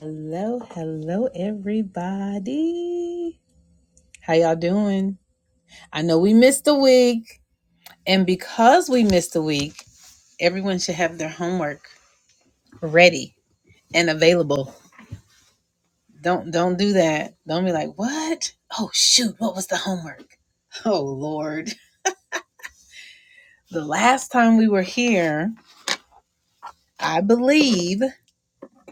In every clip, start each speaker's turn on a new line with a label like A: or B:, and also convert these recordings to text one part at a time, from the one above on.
A: Hello, hello, everybody. How y'all doing? I know we missed a week, and because we missed a week, everyone should have their homework ready and available. Don't don't do that. Don't be like, "What? Oh shoot, what was the homework?" Oh lord. The last time we were here, I believe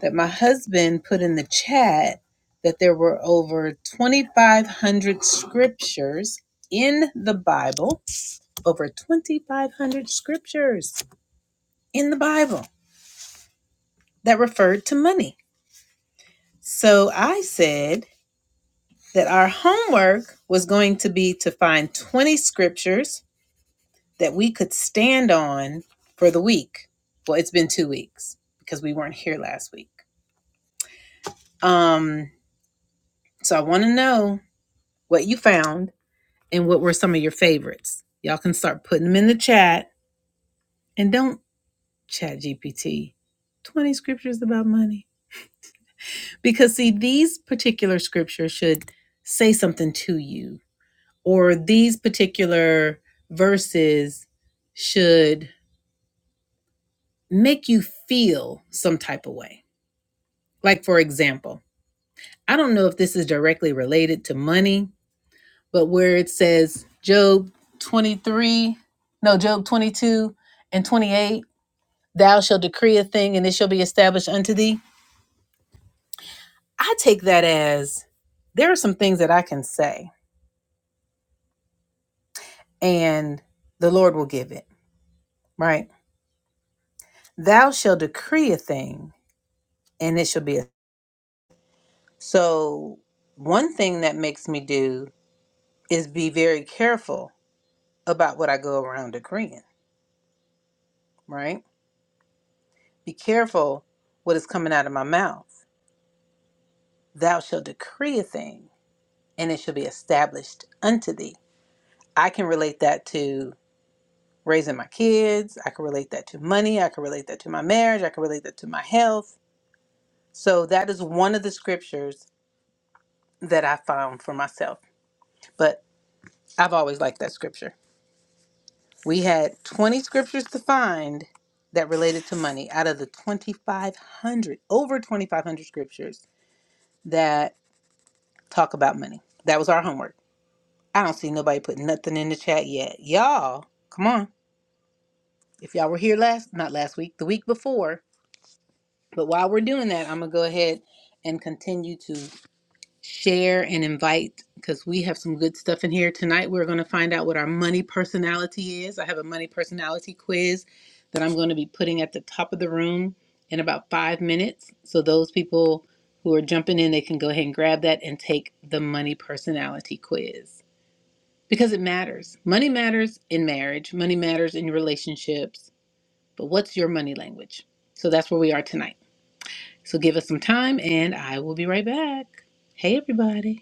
A: that my husband put in the chat that there were over 2500 scriptures in the Bible over 2,500 scriptures in the Bible that referred to money. So I said that our homework was going to be to find 20 scriptures that we could stand on for the week. Well, it's been two weeks because we weren't here last week. Um, so I want to know what you found and what were some of your favorites. Y'all can start putting them in the chat and don't chat GPT. 20 scriptures about money. Because, see, these particular scriptures should say something to you, or these particular verses should make you feel some type of way. Like, for example, I don't know if this is directly related to money, but where it says Job 23, no, Job 22 and 28, thou shalt decree a thing and it shall be established unto thee. I take that as there are some things that I can say and the Lord will give it, right? Thou shall decree a thing and it shall be a so one thing that makes me do is be very careful about what I go around decreeing, right? Be careful what is coming out of my mouth. Thou shall decree a thing and it shall be established unto thee. I can relate that to raising my kids. I can relate that to money. I can relate that to my marriage. I can relate that to my health. So that is one of the scriptures that I found for myself. But I've always liked that scripture. We had 20 scriptures to find that related to money out of the 2,500, over 2,500 scriptures that talk about money. That was our homework. I don't see nobody putting nothing in the chat yet. Y'all, come on. If y'all were here last, not last week, the week before, but while we're doing that, I'm going to go ahead and continue to. share and invite because we have some good stuff in here tonight. We're going to find out what our money personality is. I have a money personality quiz that I'm going to be putting at the top of the room in about five minutes. So those people who are jumping in, they can go ahead and grab that and take the money personality quiz because it matters. Money matters in marriage, money matters in relationships. But what's your money language? So that's where we are tonight. So give us some time and I will be right back. Hey, everybody.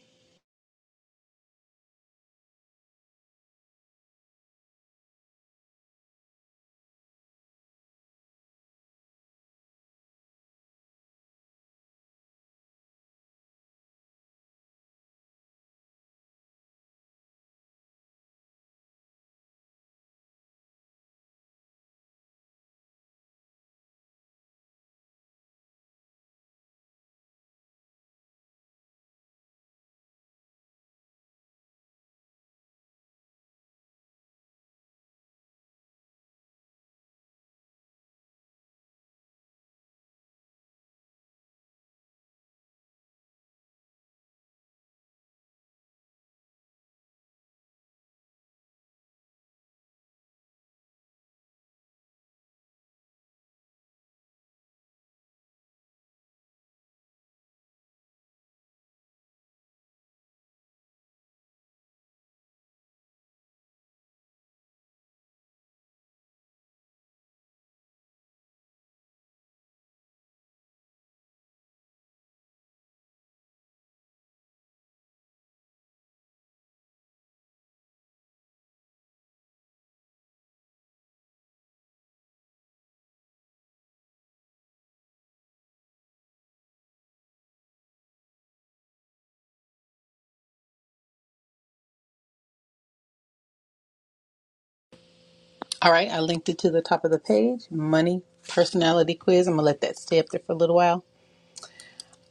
A: All right, I linked it to the top of the page. Money personality quiz. I'm gonna let that stay up there for a little while.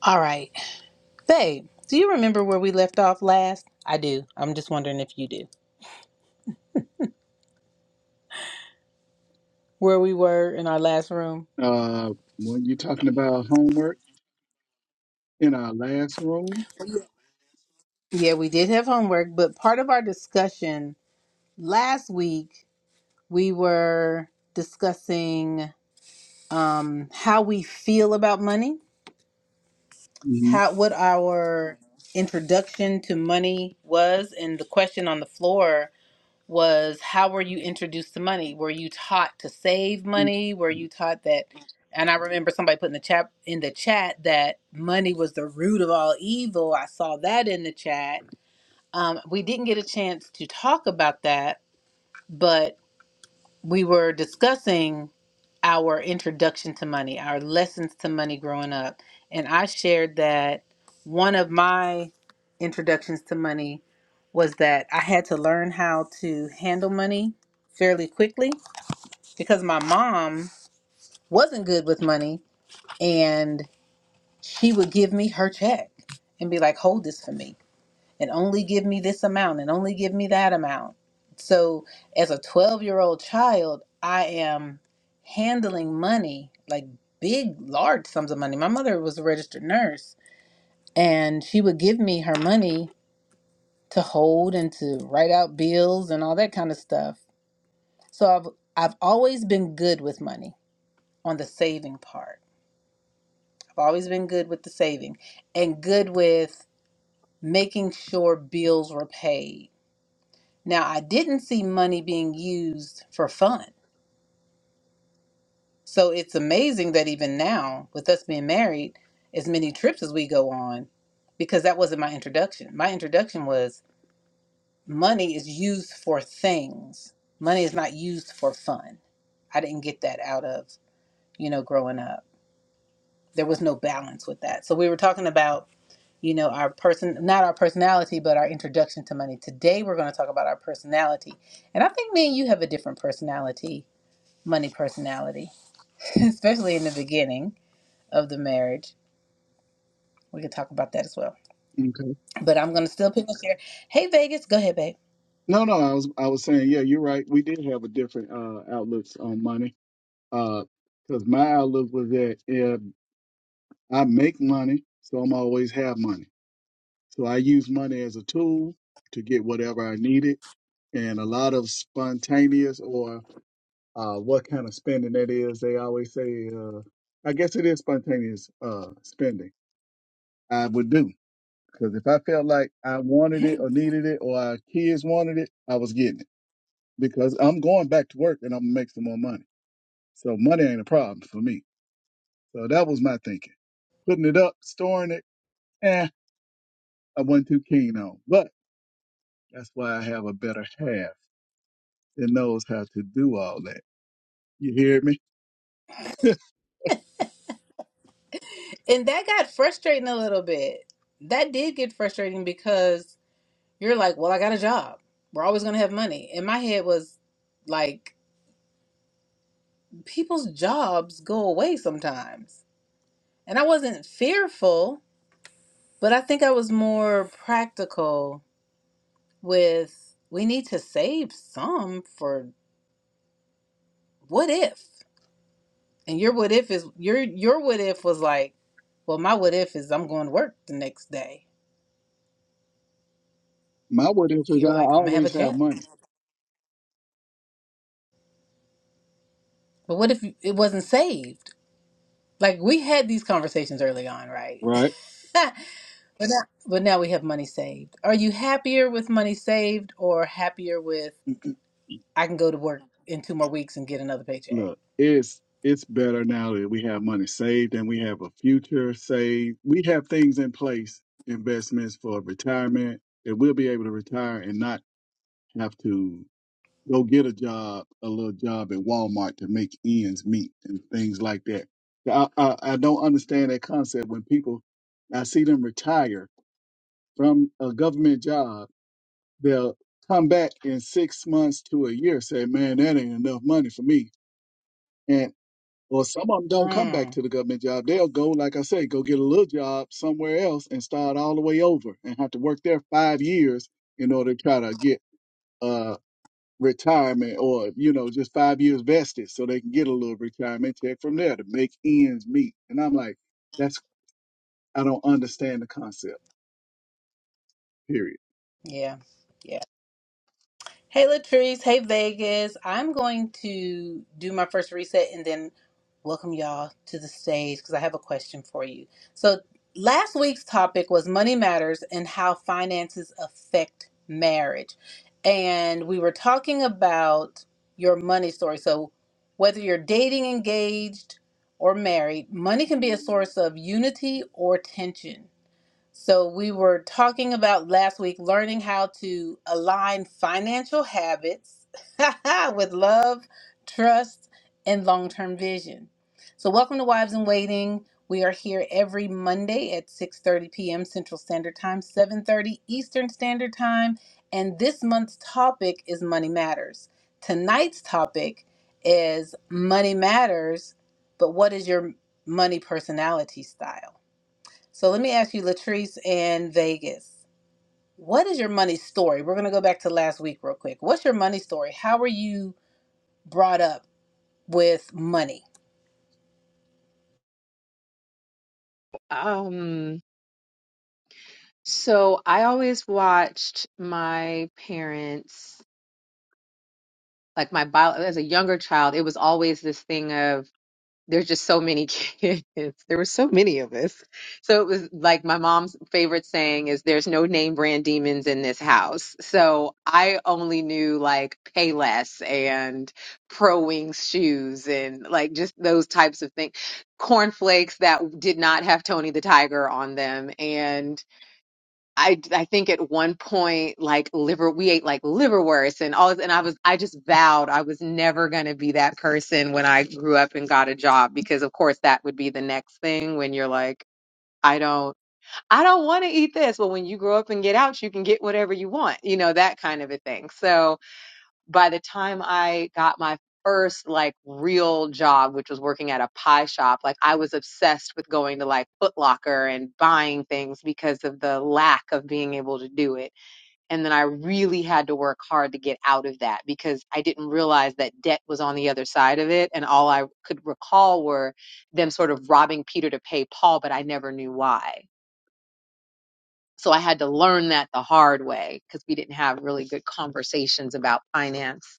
A: All right, Faye, do you remember where we left off last? I do. I'm just wondering if you do. Where we were in our last room.
B: Uh, when you talking about homework in our last room?
A: Yeah, we did have homework, but part of our discussion last week we were discussing um, how we feel about money,
B: hmm
A: how what our introduction to money was, and the question on the floor was how were you introduced to money? Were you taught to save money? Were you taught that? And I remember somebody put in the chat in the chat that money was the root of all evil. I saw that in the chat. Um, we didn't get a chance to talk about that, but we were discussing our introduction to money, our lessons to money growing up. And I shared that one of my introductions to money was that I had to learn how to handle money fairly quickly because my mom wasn't good with money and she would give me her check and be like, hold this for me and only give me this amount and only give me that amount. So, as a 12 year old child, I am handling money like big, large sums of money. My mother was a registered nurse, and she would give me her money to hold and to write out bills and all that kind of stuff. So, I've I've always been good with money on the saving part. I've always been good with the saving and good with making sure bills were paid Now, I didn't see money being used for fun. So it's amazing that even now, with us being married, as many trips as we go on, because that wasn't my introduction. My introduction was money is used for things, money is not used for fun. I didn't get that out of, you know, growing up. There was no balance with that. So we were talking about, you know, our person, not our personality, but our introduction to money. Today, we're going to talk about our personality. And I think me and you have a different personality money personality, especially in the beginning of the marriage. We could talk about that as well.
B: Okay.
A: But I'm gonna still pick this here. Hey Vegas, go ahead, babe.
B: No, no, I was I was saying, yeah, you're right. We did have a different uh outlooks on money. Uh, because my outlook was that if I make money, so I'm always have money. So I use money as a tool to get whatever I needed. And a lot of spontaneous or uh, what kind of spending that is, they always say, uh, I guess it is spontaneous uh spending. I would do. Because if I felt like I wanted it or needed it or our kids wanted it, I was getting it because I'm going back to work and I'm gonna make some more money. So money ain't a problem for me. So that was my thinking. Putting it up, storing it, eh, I wasn't too keen on. But that's why I have a better half that knows how to do all that. You hear me?
A: And that got frustrating a little bit. That did get frustrating because you're like, Well, I got a job. We're always gonna have money. And my head was like, people's jobs go away sometimes. And I wasn't fearful, but I think I was more practical with we need to save some for what if? And your what if is your your what if was like, well, my what if is I'm going to work the next day.
B: My what if is
A: You're
B: I
A: like, I'm gonna have a
B: always have
A: check.
B: money,
A: But what if it wasn't saved? Like we had these conversations early on, right?
B: right?
A: but now, but now we have money saved. Are you happier with money saved or happier with I can go to work in two more weeks and get another paycheck?
B: look, it's it's better now that we have money saved and we have a future saved. We have things in place, investments for retirement that we'll be able to retire and not have to go get a job, a little job at Walmart to make ends meet and things like that. I, I, I don't understand that concept when people I see them retire from a government job, they'll come back in six months to a year, say, Man, that ain't enough money for me and Well, some of them don't come back
A: Mm,
B: to the government job. They'll go, like I say, go get a little job somewhere else and start all the way over and have to work there five years in order to try to get uh retirement or you know just five years vested so they can get a little retirement check from there to make ends meet. And I'm like, that's I don't understand the concept. Period.
A: yeah, yeah. Hey Latrice, hey Vegas. I'm going to do my first reset and then welcome y'all to the stage because I have a question for you. So, last week's topic was money matters and how finances affect marriage. And we were talking about your money story. So, whether you're dating, engaged, or married, money can be a source of unity or tension. So, we were talking about last week learning how to align financial habits with love, trust, and long term vision. So, welcome to Wives in Waiting. We are here every Monday at 6:30 p.m. Central Standard Time, 7:30 Eastern Standard Time, and this month's topic is money matters. Tonight's topic is money matters, but what is your money personality style? So let me ask you, Latrice in Vegas, what is your money story? We're going to go back to last week real quick. What's your money story? How were you brought up with money?
C: Um, so I always watched my parents, like my bio, as a younger child, it was always this thing of there's just so many kids. There were so many of us. So it was like my mom's favorite saying is there's no name brand demons in this house. So I only knew like Payless and Pro Wings shoes and like just those types of things. Cornflakes that did not have Tony the Tiger on them and I I think at one point like liver we ate like liverwurst and all and I was I just vowed I was never going to be that person when I grew up and got a job because of course that would be the next thing when you're like I don't I don't want to eat this. Well, when you grow up and get out, you can get whatever you want. You know, that kind of a thing. So, by the time I got my first like real job, which was working at a pie shop, like I was obsessed with going to like Foot Locker and buying things because of the lack of being able to do it. And then I really had to work hard to get out of that because I didn't realize that debt was on the other side of it. And all I could recall were them sort of robbing Peter to pay Paul, but I never knew why. So I had to learn that the hard way because we didn't have really good conversations about finance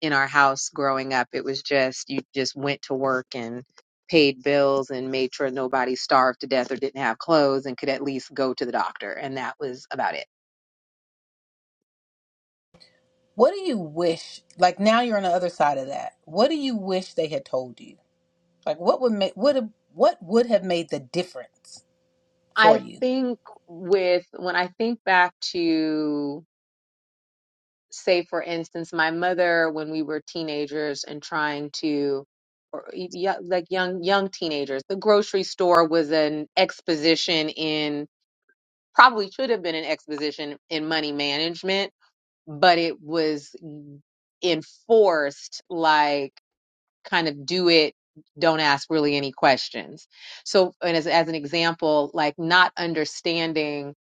C: in our house growing up. It was just you just went to work and paid bills and made sure nobody starved to death or didn't have clothes and could at least go to the doctor, and that was about it.
A: What do you wish, like now you're on the other side of that, what do you wish they had told you? Like what would make, would have, what would have made the difference for
C: I
A: you?
C: think with when I think back to say for instance my mother when we were teenagers and trying to or y- yeah, like young young teenagers the grocery store was an exposition in probably should have been an exposition in money management but it was enforced like kind of do it don't ask really any questions so and as, as an example like not understanding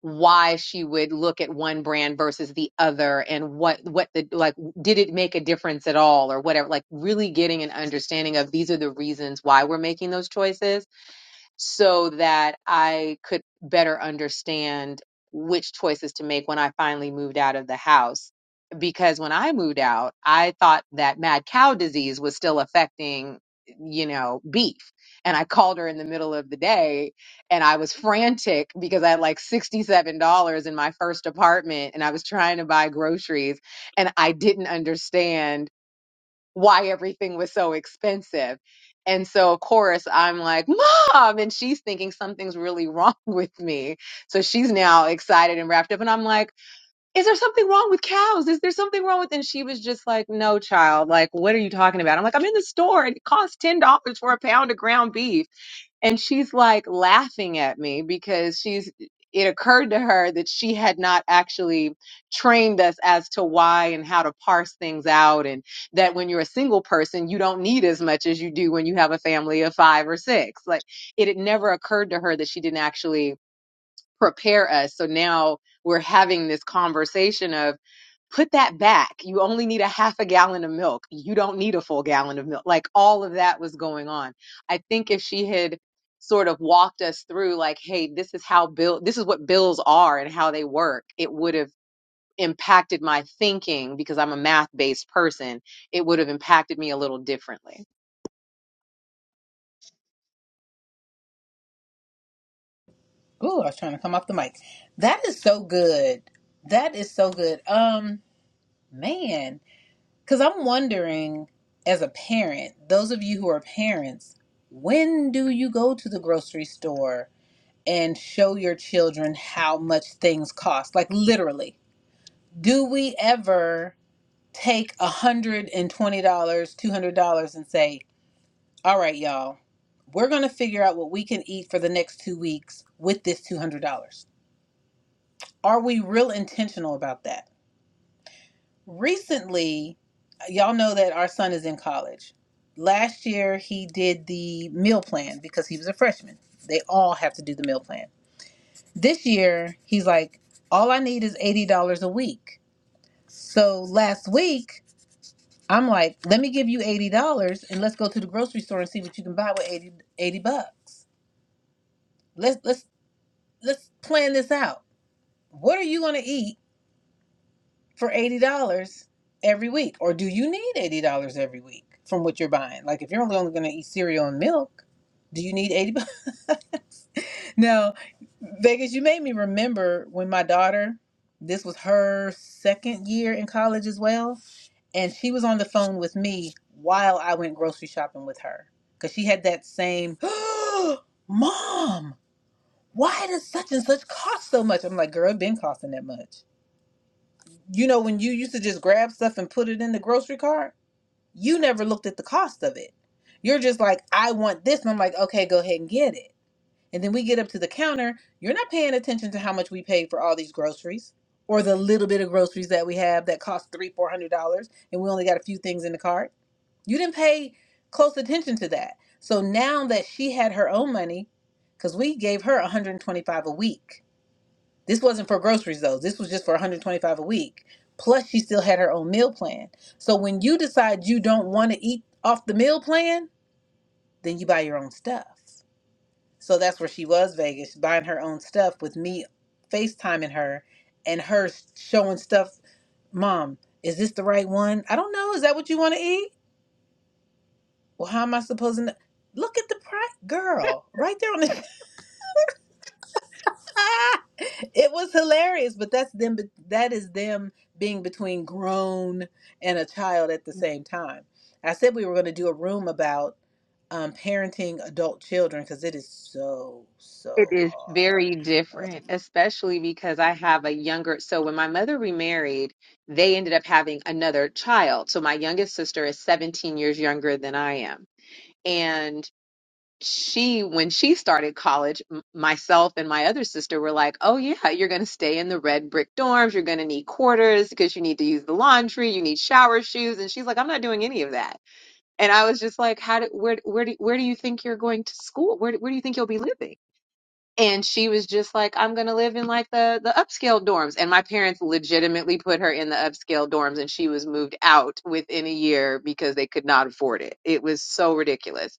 C: why she would look at one brand versus the other and what what the like did it make a difference at all or whatever like really getting an understanding of these are the reasons why we're making those choices so that I could better understand which choices to make when I finally moved out of the house. Because when I moved out, I thought that mad cow disease was still affecting, you know, beef. And I called her in the middle of the day and I was frantic because I had like $67 in my first apartment and I was trying to buy groceries and I didn't understand why everything was so expensive. And so, of course, I'm like, Mom! And she's thinking something's really wrong with me. So she's now excited and wrapped up. And I'm like, Is there something wrong with cows? Is there something wrong with? And she was just like, No, child. Like, what are you talking about? I'm like, I'm in the store and it costs $10 for a pound of ground beef. And she's like laughing at me because she's it occurred to her that she had not actually trained us as to why and how to parse things out and that when you're a single person you don't need as much as you do when you have a family of 5 or 6. Like it had never occurred to her that she didn't actually prepare us. So now we're having this conversation of put that back. You only need a half a gallon of milk. You don't need a full gallon of milk. Like all of that was going on. I think if she had sort of walked us through like, hey, this is how bill this is what bills are and how they work, it would have impacted my thinking because I'm a math-based person. It would have impacted me a little differently.
A: Ooh, I was trying to come off the mic. That is so good. That is so good. Um, man. Because I'm wondering, as a parent, those of you who are parents, when do you go to the grocery store and show your children how much things cost? Like, literally, do we ever take $120, $200 and say, all right, y'all, we're going to figure out what we can eat for the next two weeks with this $200? Are we real intentional about that? recently y'all know that our son is in college last year he did the meal plan because he was a freshman they all have to do the meal plan this year he's like all i need is $80 a week so last week i'm like let me give you $80 and let's go to the grocery store and see what you can buy with 80 80 bucks let's let's let's plan this out what are you going to eat for $80 every week? Or do you need $80 every week from what you're buying? Like if you're only, only going to eat cereal and milk, do you need 80 Now, Vegas, you made me remember when my daughter, this was her second year in college as well, and she was on the phone with me while I went grocery shopping with her because she had that same, Mom, why does such and such cost so much? I'm like, girl, it been costing that much. You know, when you used to just grab stuff and put it in the grocery cart, you never looked at the cost of it. You're just like, I want this. And I'm like, okay, go ahead and get it. And then we get up to the counter. You're not paying attention to how much we paid for all these groceries or the little bit of groceries that we have that cost three, four hundred dollars. And we only got a few things in the cart. You didn't pay close attention to that. So now that she had her own money, because we gave her 125 a week this wasn't for groceries though. This was just for 125 a week. Plus she still had her own meal plan. So when you decide you don't want to eat off the meal plan, then you buy your own stuff. So that's where she was Vegas, buying her own stuff with me FaceTiming her and her showing stuff, "Mom, is this the right one? I don't know. Is that what you want to eat? Well, how am I supposed to know? Look at the price, girl, right there on the it was hilarious, but that's them. That is them being between grown and a child at the same time. I said we were going to do a room about um, parenting adult children because it is so
C: It
A: so
C: is
A: hard.
C: very different, especially because I have a younger. So when my mother remarried, they ended up having another child. So my youngest sister is 17 years younger than I am. And she, when she started college, m- myself and my other sister were like, oh, yeah, you're going to stay in the red brick dorms. You're going to need quarters because you need to use the laundry. You need shower shoes. And she's like, I'm not doing any of that. And I was just like, how do, where, where do, where do you think you're going to school? Where, do- where do you think you'll be living? and she was just like i'm going to live in like the the upscale dorms and my parents legitimately put her in the upscale dorms and she was moved out within a year because they could not afford it it was so ridiculous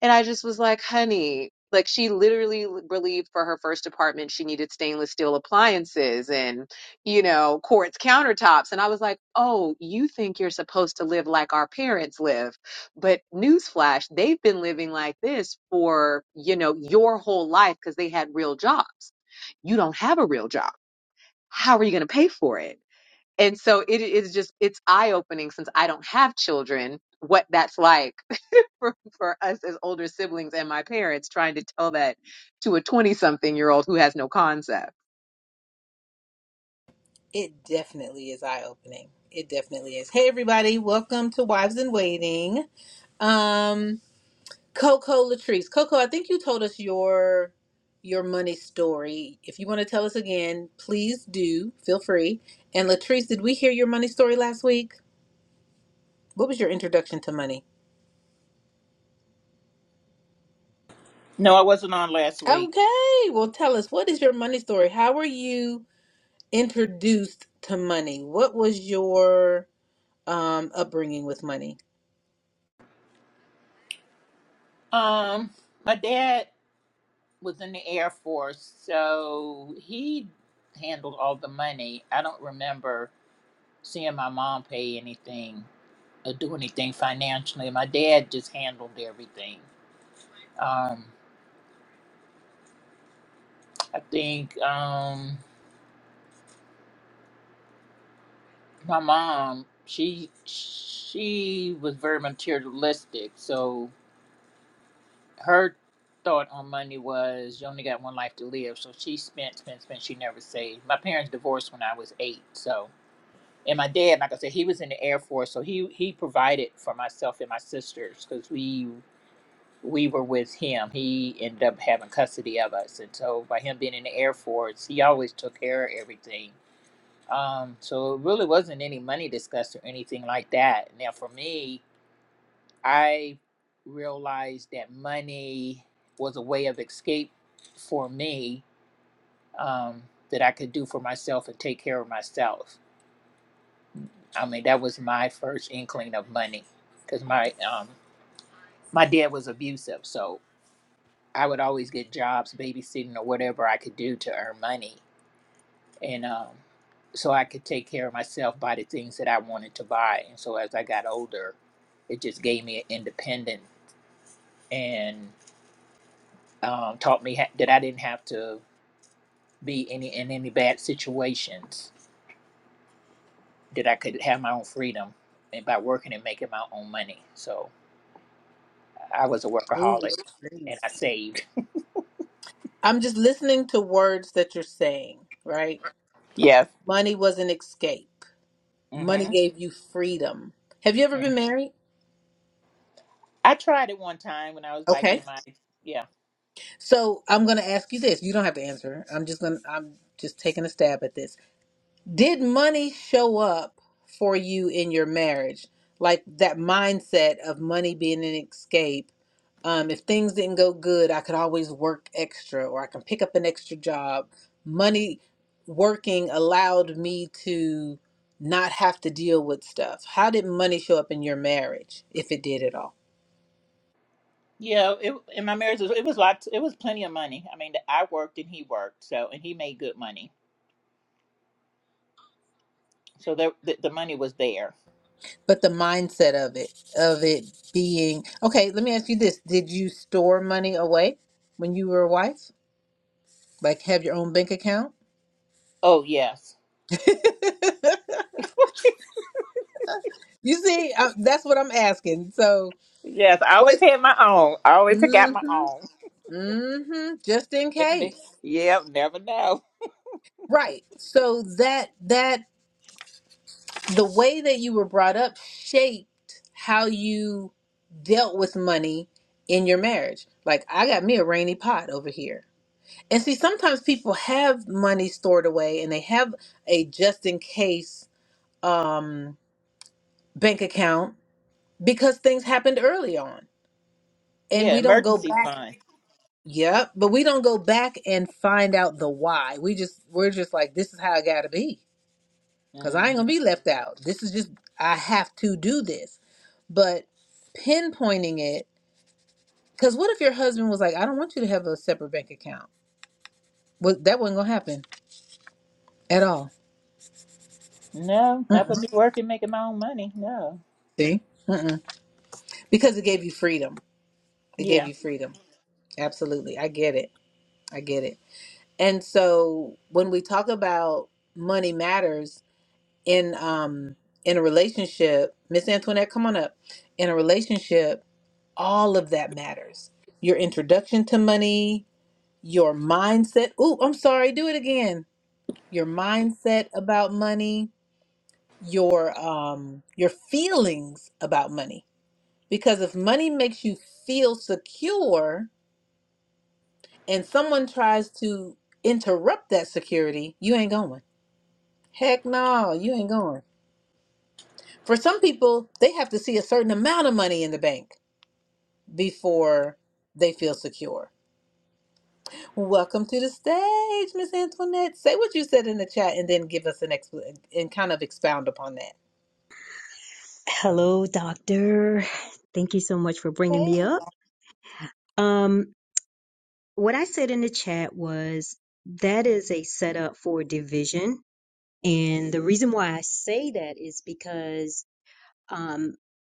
C: and I just was like, honey, like she literally l- believed for her first apartment she needed stainless steel appliances and, you know, quartz countertops. And I was like, oh, you think you're supposed to live like our parents live. But newsflash, they've been living like this for, you know, your whole life because they had real jobs. You don't have a real job. How are you going to pay for it? And so it is just, it's eye opening since I don't have children, what that's like for, for us as older siblings and my parents trying to tell that to a 20 something year old who has no concept.
A: It definitely is eye opening. It definitely is. Hey everybody, welcome to Wives in Waiting. Um, Coco Latrice. Coco, I think you told us your your money story. If you want to tell us again, please do. Feel free. And Latrice, did we hear your money story last week? What was your introduction to money?
D: No, I wasn't on last week.
A: Okay. Well, tell us what is your money story? How were you introduced to money? What was your um upbringing with money?
D: Um, my dad was in the Air Force, so he handled all the money. I don't remember seeing my mom pay anything or do anything financially. My dad just handled everything. Um, I think um, my mom she she was very materialistic, so her thought on money was you only got one life to live, so she spent, spent, spent. She never saved. My parents divorced when I was eight, so and my dad, like I said, he was in the Air Force, so he he provided for myself and my sisters because we we were with him. He ended up having custody of us, and so by him being in the Air Force, he always took care of everything. Um, so it really wasn't any money discussed or anything like that. Now for me. I realized that money was a way of escape for me um, that I could do for myself and take care of myself. I mean, that was my first inkling of money because my um, my dad was abusive, so I would always get jobs, babysitting or whatever I could do to earn money, and um, so I could take care of myself, buy the things that I wanted to buy. And so as I got older, it just gave me an independence and um, taught me ha- that I didn't have to be any in any bad situations. That I could have my own freedom, and by working and making my own money. So I was a
A: Ooh,
D: workaholic, and
A: Latrice.
D: I saved.
A: I'm just listening to words that you're saying, right?
D: Yes.
A: Money was an escape. Money
D: hmm
A: gave you freedom. Have you ever been married?
D: I tried it one time when I was like
A: Okay.
D: in my yeah
A: So I'm going to ask you this. You don't have to answer. I'm just going to, I'm just taking a stab at this. Did money show up for you in your marriage? Like that mindset of money being an escape. Um, if things didn't go good, I could always work extra or I can pick up an extra job. Money working allowed me to not have to deal with stuff. How did money show up in your marriage, if it did at all?
D: yeah it, in my marriage it was lots it was plenty of money. I mean I worked and he worked so and he made good money so there, the the money was there.
A: But the mindset of it, of it being okay, let me ask you this. Did you store money away when you were a wife? Like have your own bank account?
D: Oh yes
A: you see, I, that's what I'm asking. So,
D: yes I
A: what?
D: always had my own. I always took out my
A: Mm-hmm.
D: own.
A: Mm-hmm. Just in
D: Let me-
A: case.
D: Yeah, never know.
A: Right. So that that the way that you were brought up shaped how you dealt with money in your marriage. Like I got me a rainy pot over here And see, sometimes people have money stored away and they have a just in case um, bank account because things happened early on. And
D: Yeah,
A: we don't go
D: emergency
A: back.
D: fund.
A: Yep. But we don't go back and find out the why. We just, we're just like, this is how I got to be because I
D: hmm
A: ain't going to be left out. This is just, I have to do this. But pinpointing it, because what if your husband was like, I don't want you to have a separate bank account? Well, that wasn't going to happen at all.
D: No, not for
A: Mm-mm.
D: me working, making my own money. No.
A: See? Mm-mm. because it gave you freedom. It gave
D: Yeah.
A: you freedom. Absolutely. I get it. I get it. And so when we talk about money matters in um in a relationship, Miss Antoinette, come on up. In a relationship, all of that matters. Your introduction to money, your mindset. Ooh, I'm sorry. Do it again. Your mindset about money, your um your feelings about money. Because if money makes you feel secure, and someone tries to interrupt that security, you ain't going. Heck no, you ain't going. For some people, they have to see a certain amount of money in the bank before they feel secure. Welcome to the stage, Miss Antoinette. Say what you said in the chat and then give us an expl- and kind of expound upon that.
E: Hello, doctor. Thank you so much for bringing
A: Hey.
E: me up. Um, what I said in the chat was that is a setup for division. And the reason why I say that is because, um,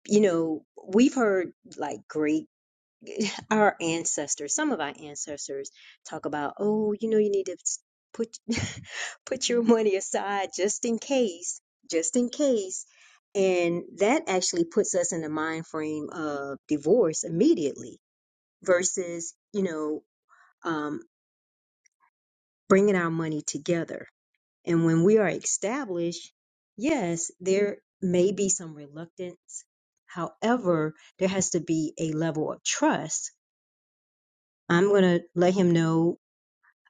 E: you know, we've heard like great our ancestors, some of our ancestors talk about, oh, you know, you need to put put your money aside just in case, just in case. And that actually puts us in the mind frame of divorce immediately versus, you know, um, bringing our money together. And when we are established, yes, there may be some reluctance. However, there has to be a level of trust. I'm going to let him know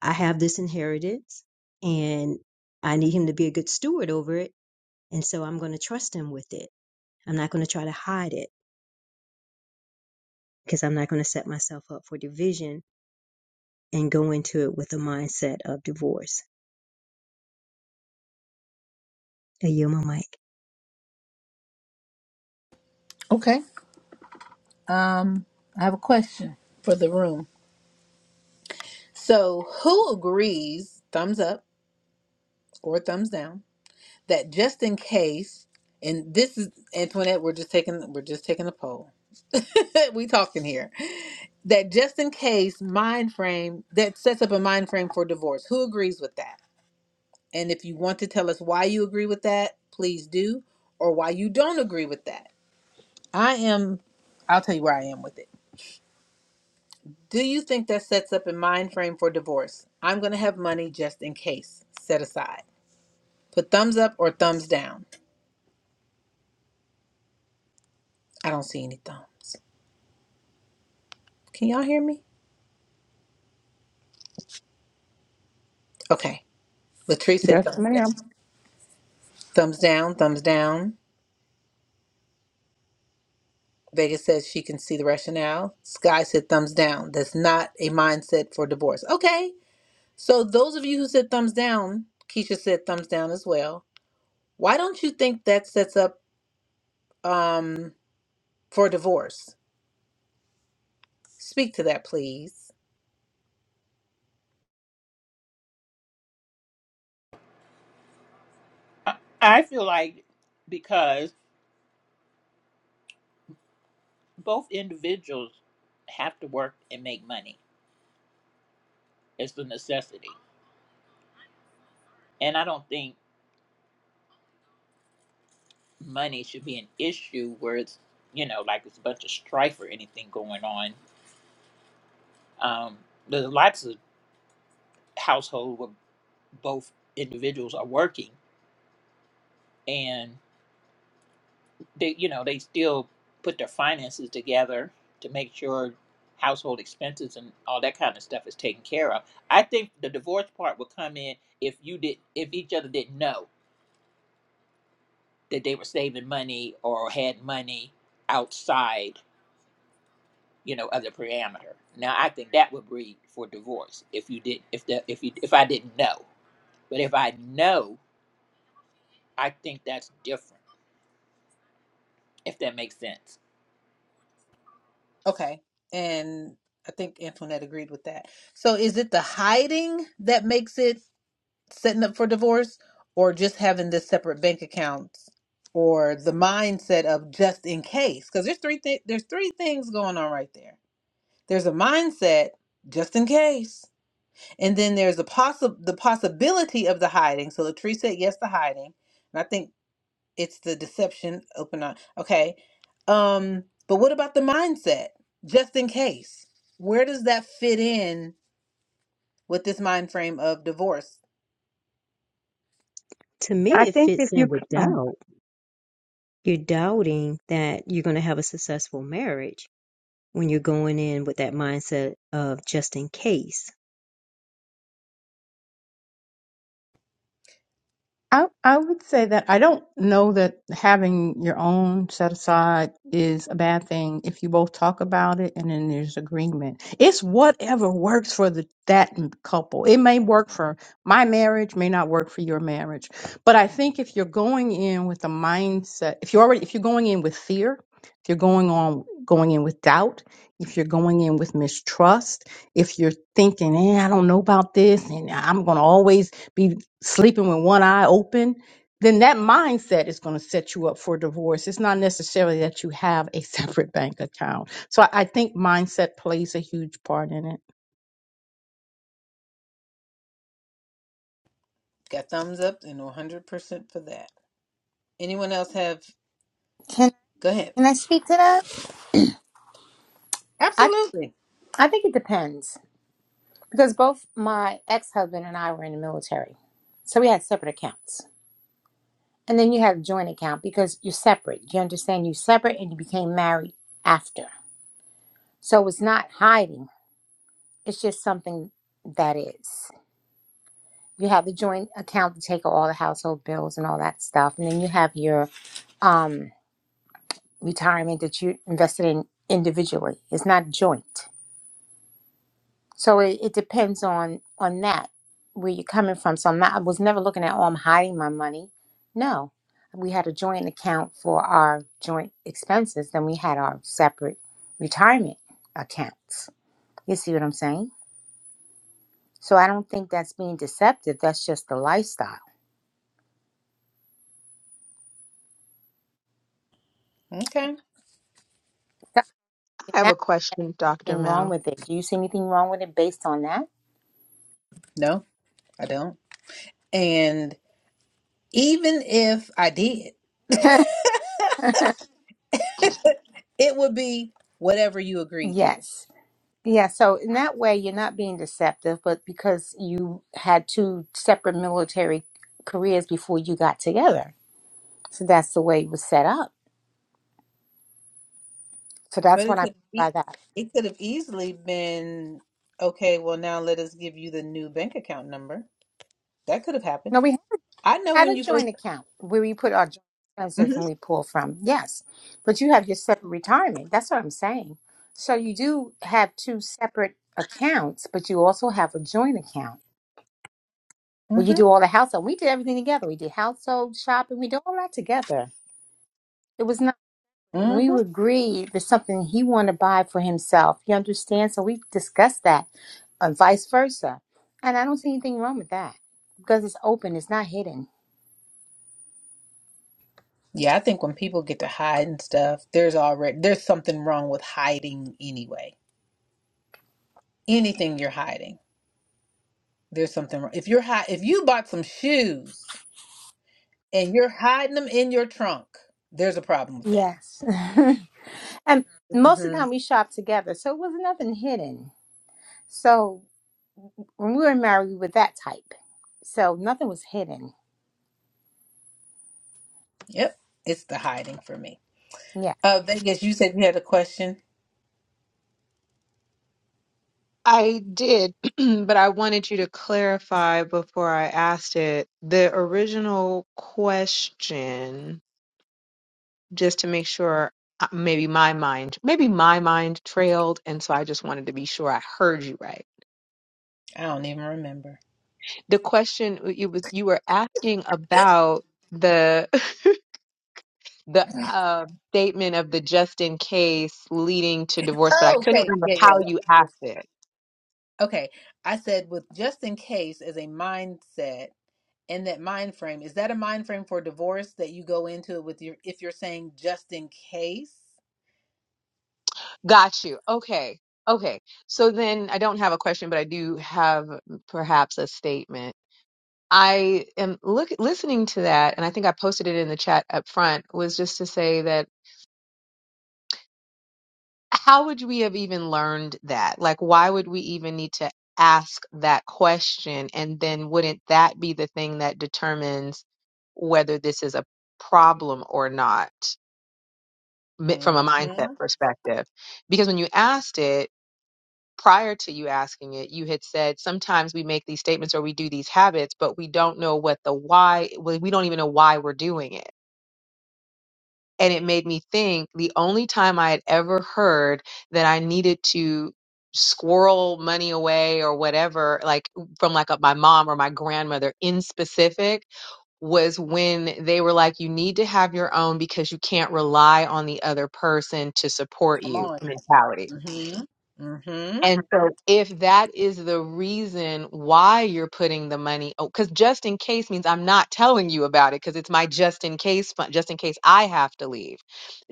E: I have this inheritance and I need him to be a good steward over it. And so I'm going to trust him with it. I'm not going to try to hide it because I'm not going to set myself up for division and go into it with a mindset of divorce. I yield my mic.
A: Okay. Um, I have a question for the room. So, who agrees, thumbs up or thumbs down? that just in case, and this is Antoinette, we're just taking we're just taking a poll. we talking here. That just in case mind frame that sets up a mind frame for divorce. Who agrees with that? And if you want to tell us why you agree with that, please do, or why you don't agree with that. I am I'll tell you where I am with it. Do you think that sets up a mind frame for divorce? I'm gonna have money just in case. Set aside. Put thumbs up or thumbs down. I don't see any thumbs. Can y'all hear me? Okay. Latrice said
F: Yes,
A: thumbs down.
F: ma'am.
A: Thumbs down, thumbs down. Vegas says she can see the rationale. Sky said thumbs down. That's not a mindset for divorce. Okay. So those of you who said thumbs down, Keisha said thumbs down as well. Why don't you think that sets up um for divorce? Speak to that, please.
D: I, I feel like because both individuals have to work and make money, it's a necessity. And I don't think money should be an issue where it's, you know, like it's a bunch of strife or anything going on. Um, there's lots of households where both individuals are working they you know they still put their finances together to make sure household expenses and all that kind of stuff is taken care of. I think the divorce part would come in if you did if each other didn't know that they were saving money or had money outside you know other parameter. Now I think that would breed for divorce if you did if the if you if I didn't know. But if I know, I think that's different. If that makes sense.
A: Okay. And I think Antoinette agreed with that. So is it the hiding that makes it setting up for divorce or just having the separate bank accounts or the mindset of just in case because there's three th- there's three things going on right there there's a mindset just in case and then there's a possible the possibility of the hiding so latrice said yes to hiding and i think it's the deception open on okay um but what about the mindset just in case where does that fit in with this mind frame of divorce
E: To me,
F: I
E: it
F: think if
E: fits in
F: you,
E: with
F: oh,
E: doubt. You're doubting that you're going to have a successful marriage when you're going in with that mindset of just in case.
F: I, I would say that I don't know that having your own set aside is a bad thing if you both talk about it and then there's agreement. It's whatever works for the that m- couple. It may work for my marriage, may not work for your marriage. But I think if you're going in with the mindset, if you're already if you're going in with fear, if you're going on going in with doubt, if you're going in with mistrust, if you're thinking, eh, I don't know about this, and I'm gonna always sleeping with one eye open, then that mindset is going to set you up for divorce. It's not necessarily that you have a separate bank account. So I I think mindset plays a huge part in it.
A: Got thumbs up and 100% for that. Anyone else have?
G: Can
A: Go ahead.
G: can I speak to that? I
A: Absolutely.
G: I think it depends because both my ex husband and I were in the military, so we had separate accounts, and then you have joint account because you're separate. You understand you're separate, and you became married after, so it's not hiding. It's just something that is. You have the joint account to take all the household bills and all that stuff, and then you have your um retirement that you invested in individually. It's not joint. So it, it depends on on that where you're coming from. So I'm not. I was never looking at. Oh, I'm hiding my money. No, we had a joint account for our joint expenses. Then we had our separate retirement accounts. You see what I'm saying? So I don't think that's being deceptive. That's just the lifestyle.
A: Okay.
C: I have
G: There's
C: a question, Dr.
G: Nothing wrong
C: Mel.
G: with it. Do you see anything wrong with it based on
A: No, I don't. And even if I did,
G: that?
A: it would be whatever you agreed to.
G: yes. Yeah, so in that way, you're not being deceptive, but because you had two separate military careers before you got together. So that's the way it was set up. So
A: But
G: that's what
A: it
G: I mean
A: could be,
G: by that.
A: it could have easily been okay. Well, now let us give you the new bank account number. That could have
G: No,
A: happened.
G: we
A: I know
G: had
A: when
G: a
A: you 1st
G: joint account where we put our joint expenses when
A: Mm-hmm,
G: we pull from. Yes, but you have your separate retirement. That's what I'm saying. So you do have two separate accounts, but you also have a joint account where you do all the household. We did everything together. We did household shopping. We did all that together. It was not. And
A: mm-hmm,
G: we
A: hmm
G: would agree there's something he want to buy for himself. You understand? So we discuss that, and vice versa. And I don't see anything wrong with that because it's open, it's not hidden.
A: Yeah, I think when people get to hide and stuff, there's already there's something wrong with hiding anyway. Anything you're hiding There's something wrong. If you're high, if you bought some shoes and you're hiding them in your trunk, there's a problem with that.
G: Yes. and most of
A: hmm
G: the time we shop together, so it was nothing hidden. So when we were married, we were that type. So nothing was hidden.
A: Yep, it's the hiding for me.
G: Yeah.
A: Uh, Vegas, you said you had a question.
C: I did, but I wanted you to clarify before I asked it. The original question, just to make sure uh, maybe my mind, maybe my mind trailed, and so I just wanted to be sure I heard you right.
A: I don't even remember.
C: The question uh, you was you were asking about the the uh, statement of the just in case leading to divorce, but I
A: Oh,
C: couldn't
A: okay.
C: remember
A: Yeah, yeah,
C: how
A: yeah.
C: you asked it.
A: Okay. I said with just in case as a mindset and that mind frame, is that a mind frame for divorce that you go into it with your if you're saying just in case?
C: Got you. Okay. Okay. So then I don't have a question, but I do have perhaps a statement. I am look listening to that, and I think I posted it in the chat up front, was just to say that how would we have even learned that? Like, why would we even need to ask that question? And then wouldn't that be the thing that determines whether this is a problem or not mi- from a mindset
A: Mm-hmm.
C: perspective? Because when you asked it, prior to you asking it, you had said sometimes we make these statements or we do these habits, but we don't know what the why, we we don't even know why we're doing it And it made me think the only time I had ever heard that I needed to squirrel money away or whatever, like from like a, my mom or my grandmother in specific, was when they were like, you need to have your own because you can't rely on the other person to support
A: Come
C: you
A: on.
C: mentality
A: Mm-hmm. Mm-hmm.
C: and so, if that is the reason why you're putting the money, because just in case means I'm not telling you about it because it's my just in case fund, just in case I have to leave,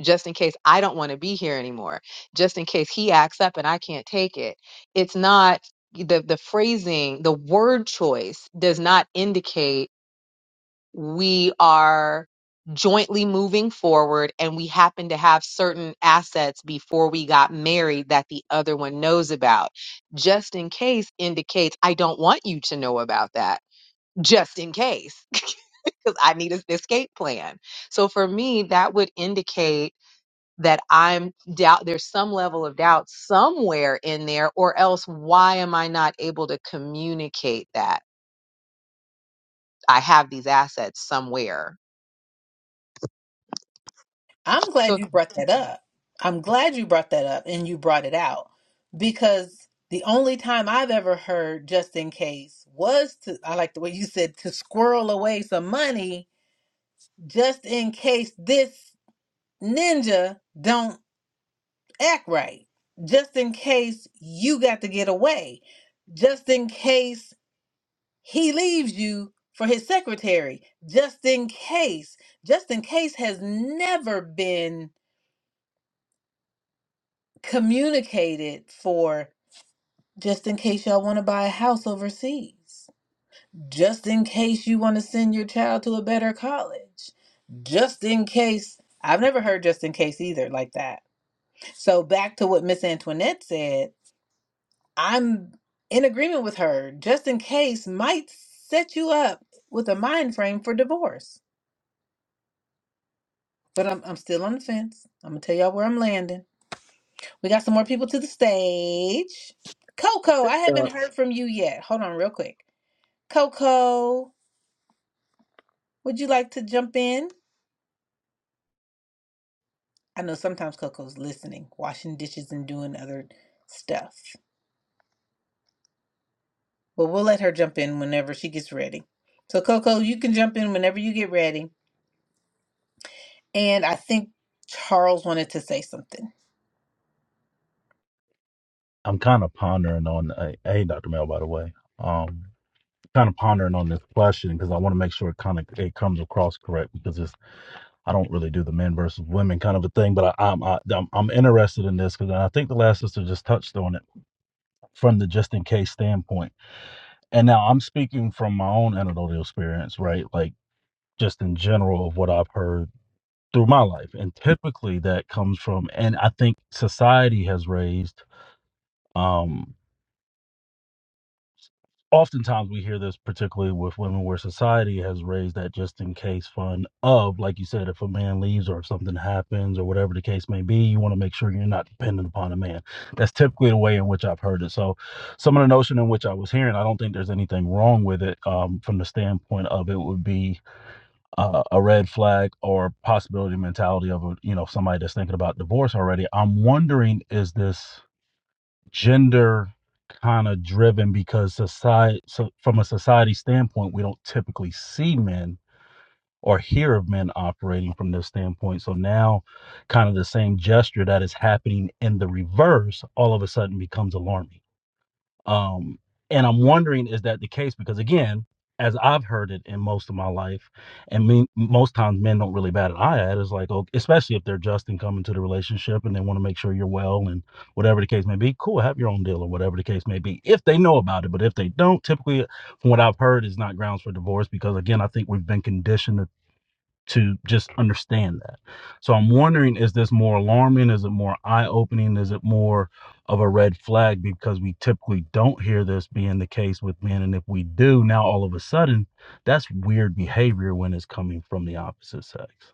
C: just in case I don't want to be here anymore, just in case he acts up and I can't take it. It's not the the phrasing, the word choice does not indicate we are jointly moving forward and we happen to have certain assets before we got married that the other one knows about just in case indicates i don't want you to know about that just in case because i need an escape plan so for me that would indicate that i'm doubt there's some level of doubt somewhere in there or else why am i not able to communicate that i have these assets somewhere
A: I'm
C: So
A: glad you brought that up. I'm glad you brought that up and you brought it out because the only time I've ever heard just in case was to, I like the way you said, to squirrel away some money just in case this ninja don't act right. Just in case you got to get away. Just in case he leaves you for his secretary. Just in case. Just in case has never been communicated for just in case y'all want to buy a house overseas, just in case you want to send your child to a better college, just in case. I've never heard just in case either like that. So back to what Miss Antoinette said, I'm in agreement with her. Just in case might set you up with a mind frame for divorce. But I'm I'm still on the fence. I'm gonna tell y'all where I'm landing. We got some more people to the stage. Coco, I haven't
B: Uh,
A: heard from you yet. Hold on, real quick. Coco, would you like to jump in? I know sometimes Coco's listening, washing dishes, and doing other stuff. But we'll let her jump in whenever she gets ready. So, Coco, you can jump in whenever you get ready. And I think Charles wanted to say something.
H: I'm kind of pondering on a hey, Dr. Mel, by the way. Um, kind of pondering on this question because I want to make sure it kind of it comes across correct because it's I don't really do the men versus women kind of a thing, but I, I'm I, I'm I'm interested in this because I think the last sister just touched on it from the just in case standpoint. And now I'm speaking from my own anecdotal experience, right? Like just in general of what I've heard through my life, and typically that comes from, and I think society has raised. um oftentimes we hear this particularly with women where society has raised that just in case fund of like you said if a man leaves or if something happens or whatever the case may be you want to make sure you're not dependent upon a man that's typically the way in which i've heard it so some of the notion in which i was hearing i don't think there's anything wrong with it um, from the standpoint of it would be uh, a red flag or possibility mentality of a, you know somebody that's thinking about divorce already i'm wondering is this gender kind of driven because society so from a society standpoint we don't typically see men or hear of men operating from this standpoint so now kind of the same gesture that is happening in the reverse all of a sudden becomes alarming um, and I'm wondering, is that the case? Because again, as I've heard it in most of my life, and me, most times men don't really bat an eye at it. It's like, oh, especially if they're just and coming to the relationship and they want to make sure you're well and whatever the case may be, cool, have your own deal or whatever the case may be, if they know about it. But if they don't, typically, from what I've heard, is not grounds for divorce because, again, I think we've been conditioned to to just understand that. So I'm wondering is this more alarming? Is it more eye opening? Is it more of a red flag? Because we typically don't hear this being the case with men. And if we do, now all of a sudden, that's weird behavior when it's coming from the opposite sex.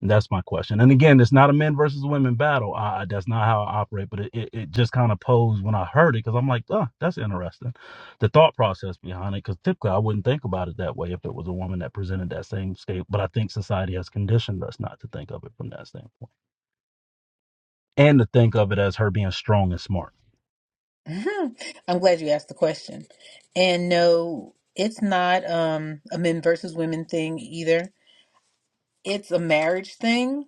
H: That's my question. And again, it's not a men versus women battle. I, that's not how I operate, but it, it, it just kind of posed when I heard it because I'm like, oh, that's interesting. The thought process behind it, because typically I wouldn't think about it that way if it was a woman that presented that same state. But I think society has conditioned us not to think of it from that standpoint and to think of it as her being strong and smart.
A: Mhm. I'm glad you asked the question. And no, it's not um, a men versus women thing either. It's a marriage thing.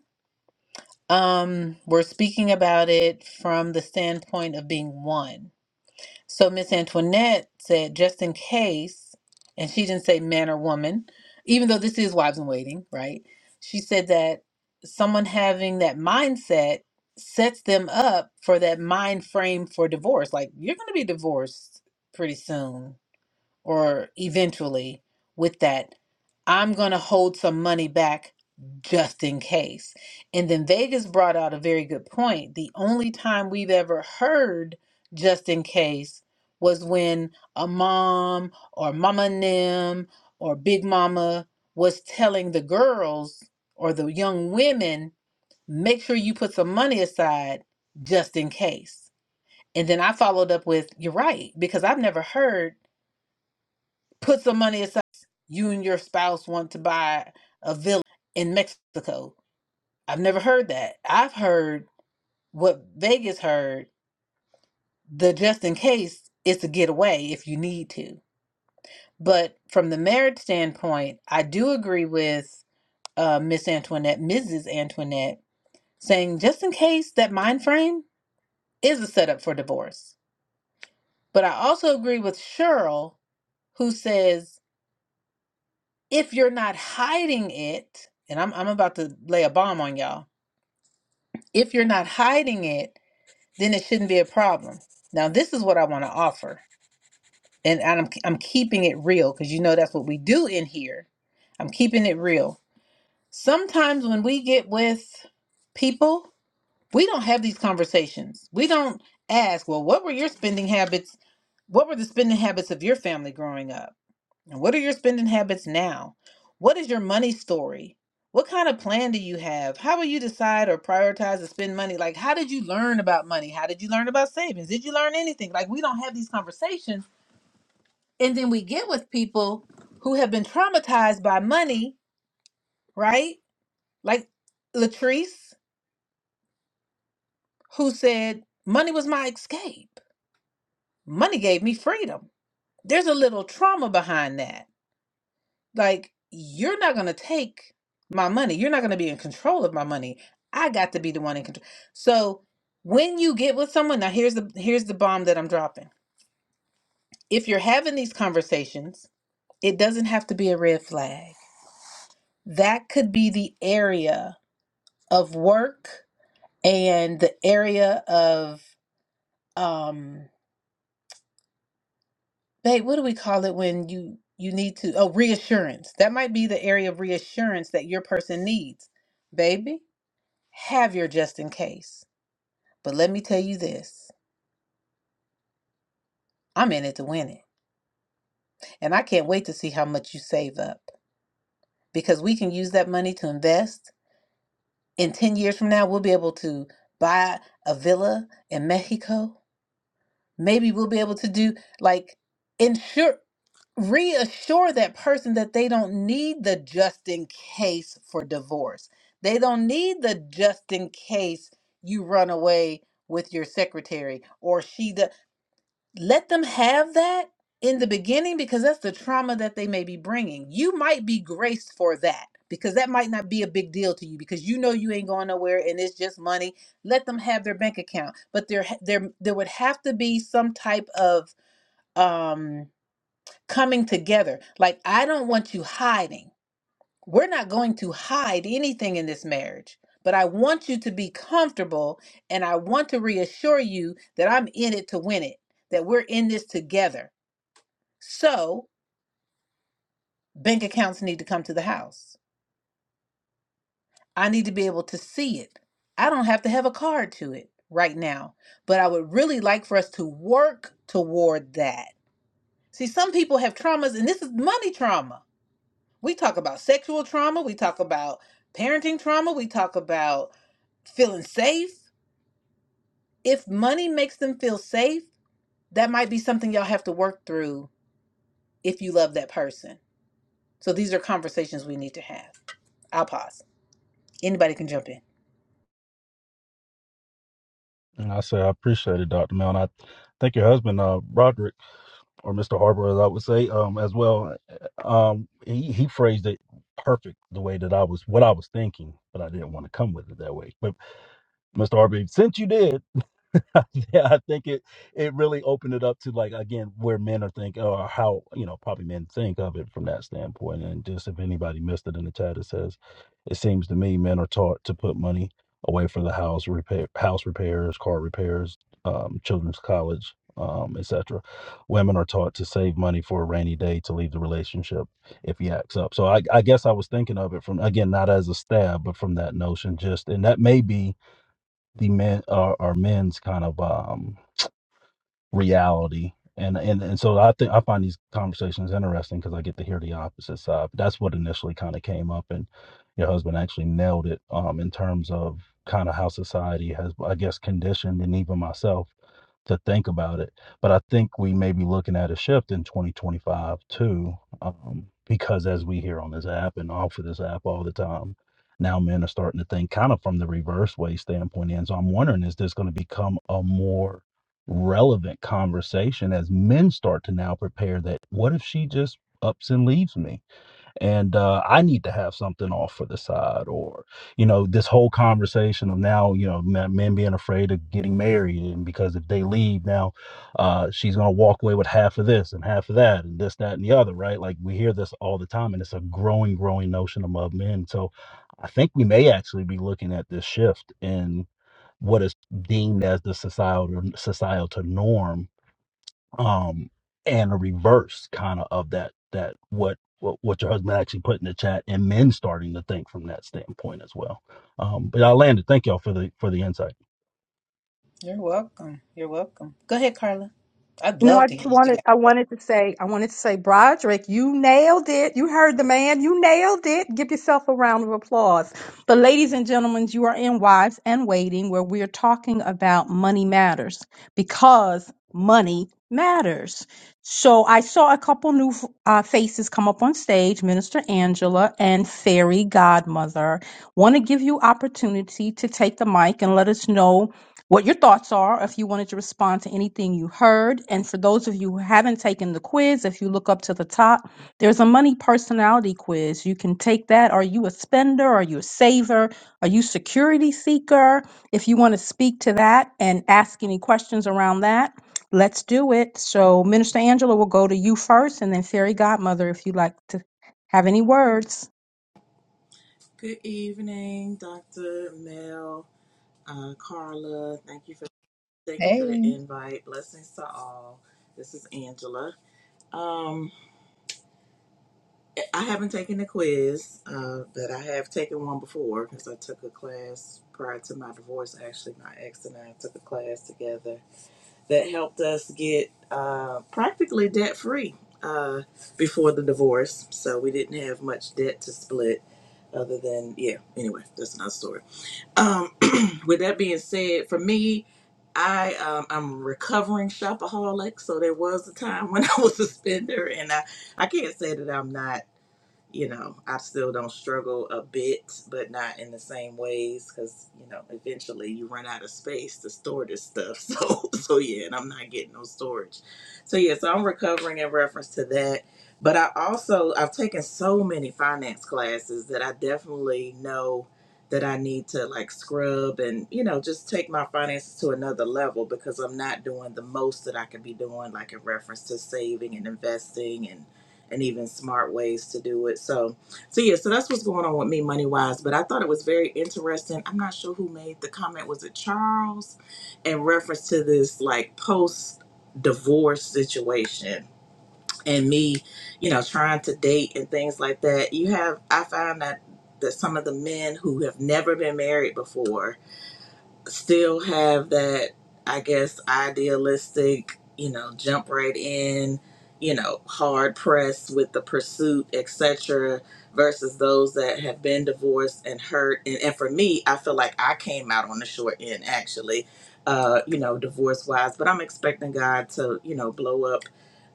A: Um, we're speaking about it from the standpoint of being one. So Miss Antoinette said, just in case, and she didn't say man or woman, even though this is wives in waiting, right? She said that someone having that mindset sets them up for that mind frame for divorce. Like you're going to be divorced pretty soon or eventually with that, I'm going to hold some money back just in case. And then Vegas brought out a very good point. The only time we've ever heard just in case was when a mom or mama nim or big mama was telling the girls or the young women, make sure you put some money aside just in case. And then I followed up with, you're right, because I've never heard Put some money aside. You and your spouse want to buy a villa in Mexico. I've never heard that. I've heard what Vegas heard the just in case is to get away if you need to. But from the marriage standpoint, I do agree with uh, Miss Antoinette, Mrs. Antoinette, saying just in case that mind frame is a setup for divorce. But I also agree with Cheryl, who says if you're not hiding it, and I'm I'm about to lay a bomb on y'all. If you're not hiding it, then it shouldn't be a problem. Now, this is what I want to offer, and, and I'm I'm keeping it real because you know that's what we do in here. I'm keeping it real. Sometimes when we get with people, we don't have these conversations. We don't ask, well, what were your spending habits? What were the spending habits of your family growing up? And What are your spending habits now? What is your money story? What kind of plan do you have? How will you decide or prioritize to spend money? Like, how did you learn about money? How did you learn about savings? Did you learn anything? Like, we don't have these conversations. And then we get with people who have been traumatized by money, right? Like Latrice, who said, Money was my escape, money gave me freedom. There's a little trauma behind that. like you're not going to take my money you're not going to be in control of my money i got to be the one in control so when you get with someone now here's the here's the bomb that i'm dropping if you're having these conversations it doesn't have to be a red flag that could be the area of work and the area of um babe what do we call it when you you need to oh reassurance that might be the area of reassurance that your person needs baby Have your just in case. But let me tell you this I'm in it to win it. And I can't wait to see how much you save up because we can use that money to invest. In 10 years from now, we'll be able to buy a villa in Mexico. Maybe we'll be able to do like insure, reassure that person that they don't need the just in case for divorce. They don't need the just in case you run away with your secretary or she does. let them have that in the beginning because that's the trauma that they may be bringing. You might be graced for that because that might not be a big deal to you because you know you ain't going nowhere and it's just money. Let them have their bank account, but there there there would have to be some type of um coming together. Like I don't want you hiding. We're not going to hide anything in this marriage. But I want you to be comfortable and I want to reassure you that I'm in it to win it, that we're in this together so bank accounts need to come to the house. I need to be able to see it. I don't have to have a card to it right now, but I would really like for us to work toward that. See, some people have traumas, and this is money trauma. We talk about sexual trauma, we talk about parenting trauma, we talk about feeling safe. If money makes them feel safe, that might be something y'all have to work through if you love that person. So these are conversations we need to have. I'll pause. Anybody can jump in.
H: And I say I appreciate it, Dr. Mel. And I think your husband, uh, Roderick, or Mr. Harper, as I would say, um, as well, uh, um, he, he phrased it perfect the way that I was, what I was thinking, but I didn't want to come with it that way. But Mr. Harper, since you did, yeah, I think it it really opened it up to like again where men are think or how you know probably men think of it from that standpoint. And just if anybody missed it in the chat, it says it seems to me men are taught to put money away for the house repair, house repairs, car repairs, um, children's college, um, etc. Women are taught to save money for a rainy day to leave the relationship if he acts up. So I, I guess I was thinking of it from again not as a stab, but from that notion. Just and that may be the men or, or men's kind of um reality and and and so i think i find these conversations interesting because i get to hear the opposite side but that's what initially kind of came up and your husband actually nailed it um in terms of kind of how society has i guess conditioned and even myself to think about it. But I think we may be looking at a shift in 2025 too, um, because as we hear on this app and off of this app all the time, now men are starting to think kind of from the reverse way standpoint. In so I'm wondering, is this going to become a more relevant conversation as men start to now prepare that what if she just ups and leaves me? and uh, I need to have something off for the side, or you know, this whole conversation of now, you know, men, men being afraid of getting married, and because if they leave now, uh, she's gonna walk away with half of this and half of that, and this, that, and the other, right? Like we hear this all the time, and it's a growing, growing notion among men. So I think we may actually be looking at this shift in what is deemed as the societal societal norm um and a reverse kind of of that that what what what your husband actually put in the chat and men starting to think from that standpoint as well um but i landed thank y'all for the for the insight
A: You're welcome. You're welcome. Go ahead, Carla. I'd
F: No,
A: love
F: I
A: to
F: just
A: hear what you
F: wanted
A: got.
F: I wanted to say I wanted to say, Broderick, you nailed it. You heard the man. You nailed it. Give yourself a round of applause. But ladies and gentlemen, you are in Wives and Waiting, where we're talking about money matters because money matters. So I saw a couple new uh, faces come up on stage, Minister Angela and Fairy Godmother. Want to give you opportunity to take the mic and let us know what your thoughts are, if you wanted to respond to anything you heard. And for those of you who haven't taken the quiz, if you look up to the top, there's a money personality quiz. You can take that. Are you a spender? Are you a saver? Are you security seeker? If you want to speak to that and ask any questions around that, let's do it. So Minister Angela will go to you first and then Fairy Godmother if you'd like to have any words.
I: Good evening, Dr. Mel, uh, Carla. Thank you for thank you for the
A: Hey.
I: invite. Blessings to all. This is Angela. Um, I haven't taken the quiz, uh, but I have taken one before because I took a class prior to my divorce. Actually, my ex and I took a class together that helped us get uh, practically debt free uh, before the divorce. So we didn't have much debt to split, other than yeah. Anyway, that's another story. Um, with that being said, for me, I um, I'm a recovering shopaholic, so there was a time when I was a spender, and I I can't say that I'm not you know, I still don't struggle a bit, but not in the same ways because, you know, eventually you run out of space to store this stuff. So, so yeah, and I'm not getting no storage. So, yeah, so I'm recovering in reference to that. But I also, I've taken so many finance classes that I definitely know that I need to like scrub and, you know, just take my finances to another level because I'm not doing the most that I could be doing, like in reference to saving and investing and and even smart ways to do it. So, so yeah, so that's what's going on with me money wise. But I thought it was very interesting. I'm not sure who made the comment. Was it Charles? In reference to this like post divorce situation and me, you know, trying to date and things like that. You have I find that that some of the men who have never been married before still have that, I guess, idealistic, you know, jump right in, you know, hard pressed with the pursuit, etc., versus those that have been divorced and hurt. And, and for me, I feel like I came out on the short end, actually, uh, you know, divorce wise. But I'm expecting God to, you know, blow up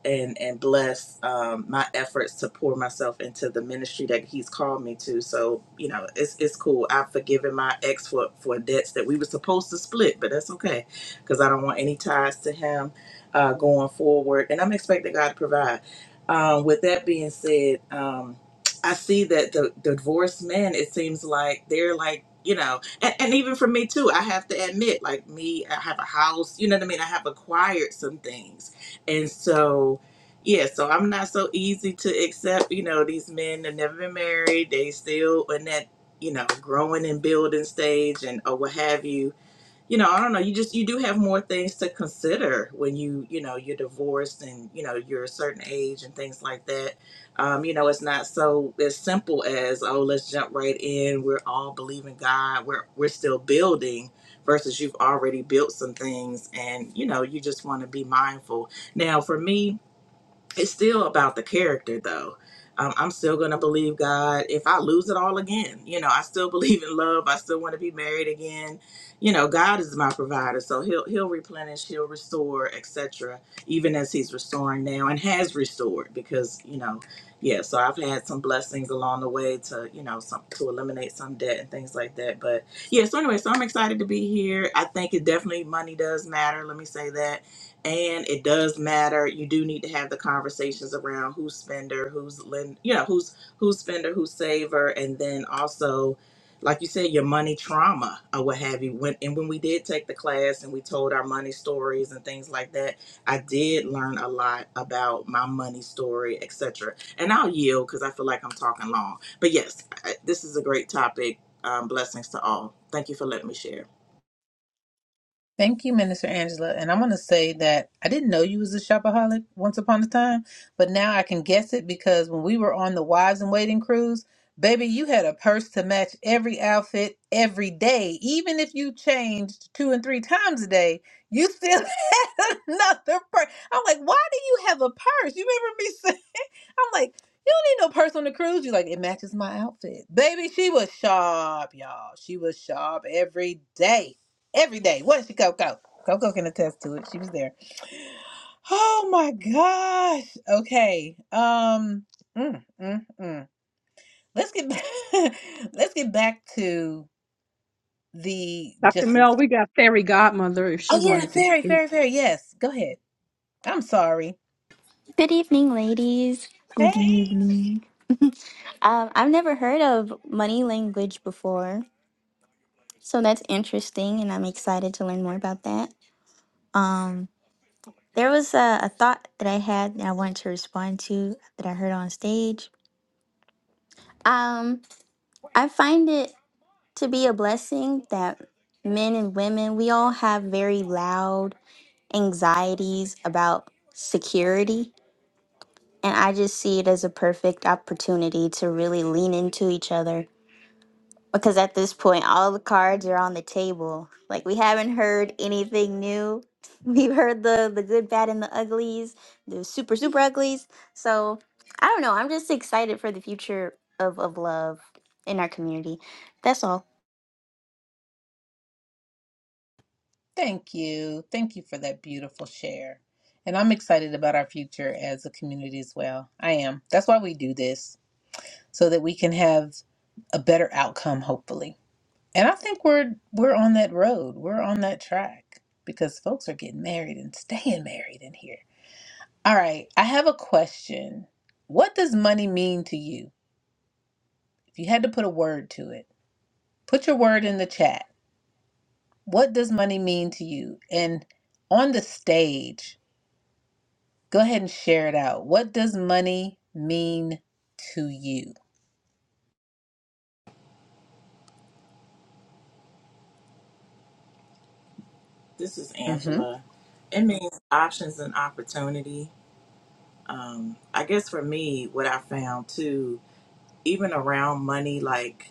I: and and bless um, my efforts to pour myself into the ministry that he's called me to. So you know, it's it's cool. I've forgiven my ex for for debts that we were supposed to split, but that's okay because I don't want any ties to him uh, going forward. And I'm expecting God to provide. Um, with that being said, um, I see that the, the divorced men. It seems like they're like you know, and, and even for me too. I have to admit, like me, I have a house. You know what I mean? I have acquired some things and so, yeah, so I'm not so easy to accept. You know, these men have never been married. They still in that, you know, growing and building stage and or what have you you know, I don't know. You just you do have more things to consider when you you know you're divorced and you know you're a certain age and things like that. Um, you know, it's not so as simple as oh, let's jump right in. We're all believing God. We're we're still building versus you've already built some things and you know you just want to be mindful. Now, for me, it's still about the character though um, i'm still gonna believe god if i lose it all again you know i still believe in love i still want to be married again you know god is my provider so he'll he'll replenish he'll restore etc even as he's restoring now and has restored because you know yeah so i've had some blessings along the way to you know some to eliminate some debt and things like that but yeah so anyway so i'm excited to be here i think it definitely money does matter let me say that and it does matter you do need to have the conversations around who's spender who's lend you know who's who's spender who's saver and then also like you said your money trauma or what have you when and when we did take the class and we told our money stories and things like that i did learn a lot about my money story etc and i'll yield because i feel like i'm talking long but yes I, this is a great topic um, blessings to all thank you for letting me share
A: Thank you, Minister Angela. And I'm going to say that I didn't know you was a shopaholic once upon a time, but now I can guess it because when we were on the Wives and Waiting cruise, baby, you had a purse to match every outfit every day. Even if you changed two and three times a day, you still had another purse. I'm like, why do you have a purse? You remember me saying? I'm like, you don't need no purse on the cruise. She's like, it matches my outfit. Baby, she was sharp, y'all. She was sharp every day. Every day. Wasn't she, Coco? Coco can attest to it. She was there. Oh my gosh. Okay. Um mm, mm, mm. let's get back let's get back to the
F: Dr.
A: Justin.
F: Mel, we got Fairy Godmother if
A: Oh
F: she
A: yeah,
F: wanted to
A: fairy,
F: speak.
A: fairy, fairy. Yes. Go ahead. I'm sorry.
J: Good evening, ladies. Good
A: Hey.
J: evening. Um, I've never heard of money language before, so that's interesting, and I'm excited to learn more about that. Um, there was a, a thought that I had that I wanted to respond to that I heard on stage. Um, I find it to be a blessing that men and women, we all have very loud anxieties about security. And I just see it as a perfect opportunity to really lean into each other Because at this point, all the cards are on the table. Like we haven't heard anything new. We've heard the the good, bad, and the uglies, the super, super uglies. So I don't know. I'm just excited for the future of of love in our community. That's all.
A: Thank you. Thank you for that beautiful share. And I'm excited about our future as a community as well. I am. That's why we do this, so that we can have a better outcome hopefully. And I think we're we're on that road. We're on that track because folks are getting married and staying married in here. All right, I have a question. What does money mean to you? If you had to put a word to it, put your word in the chat. What does money mean to you? And on the stage, Go ahead and share it out. What does money mean to you?
I: This is
A: Mm-hmm.
I: Angela. It means options and opportunity. Um, I guess for me, what I found too, even around money, like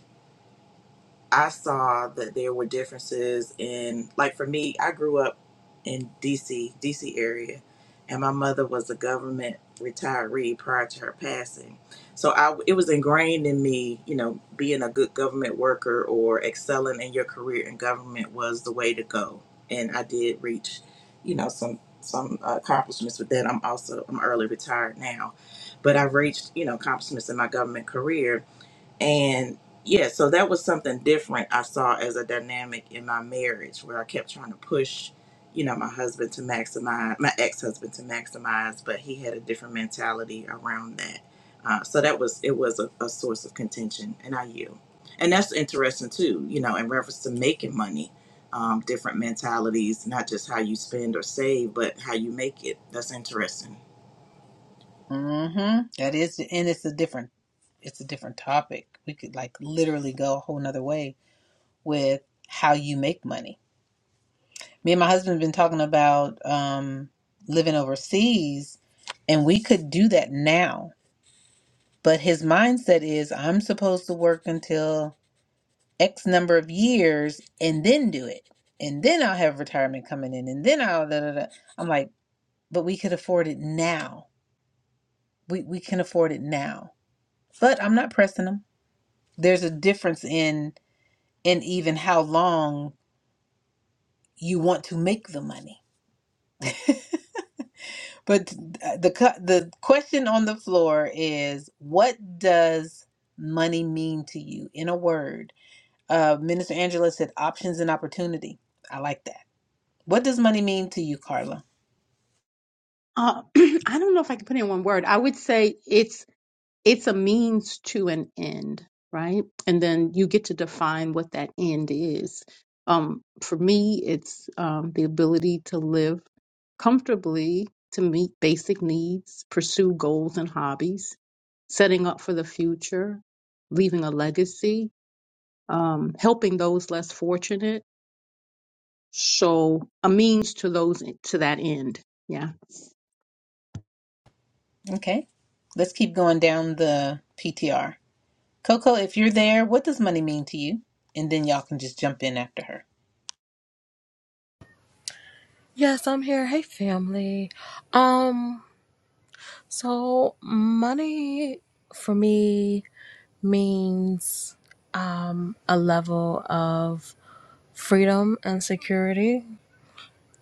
I: I saw that there were differences in, like for me, I grew up in DC, DC area, and my mother was a government retiree prior to her passing. So I, it was ingrained in me, you know, being a good government worker or excelling in your career in government was the way to go. And I did reach, you know, some some accomplishments with that. I'm also I'm early retired now, but I've reached, you know, accomplishments in my government career and yeah, so that was something different I saw as a dynamic in my marriage where I kept trying to push, you know, my husband to maximize, my ex husband to maximize, but he had a different mentality around that. Uh, so that was, it was a, a source of contention, and I yield. And that's interesting too, you know, in reference to making money, um, different mentalities, not just how you spend or save, but how you make it. That's interesting.
A: Mm-hmm. That is, and it's a different, it's a different topic. We could like literally go a whole nother way with how you make money. Me and my husband have been talking about um, living overseas, and we could do that now. But his mindset is, I'm supposed to work until X number of years and then do it, and then I'll have retirement coming in, and then I'll da da da. I'm like. but we could afford it now. We we can afford it now. But I'm not pressing them. There's a difference in in even how long you want to make the money. But th- uh, the cu- the question on the floor is what does money mean to you in a word? Uh, Minister Angela said options and opportunity. I like that. What does money mean to you, Carla?
F: Uh, I don't know if I can put it in one word. I would say it's it's a means to an end, right? And then you get to define what that end is. Um, for me, it's um, the ability to live comfortably, to meet basic needs, pursue goals and hobbies, setting up for the future, leaving a legacy, um, helping those less fortunate. So a means to those to that end. Yeah.
A: Okay. Let's keep going down the PTR. Coco, if you're there, what does money mean to you? And then y'all can just jump in after her.
K: Yes, I'm here. Hey, family. Um, so money for me means um a level of freedom and security,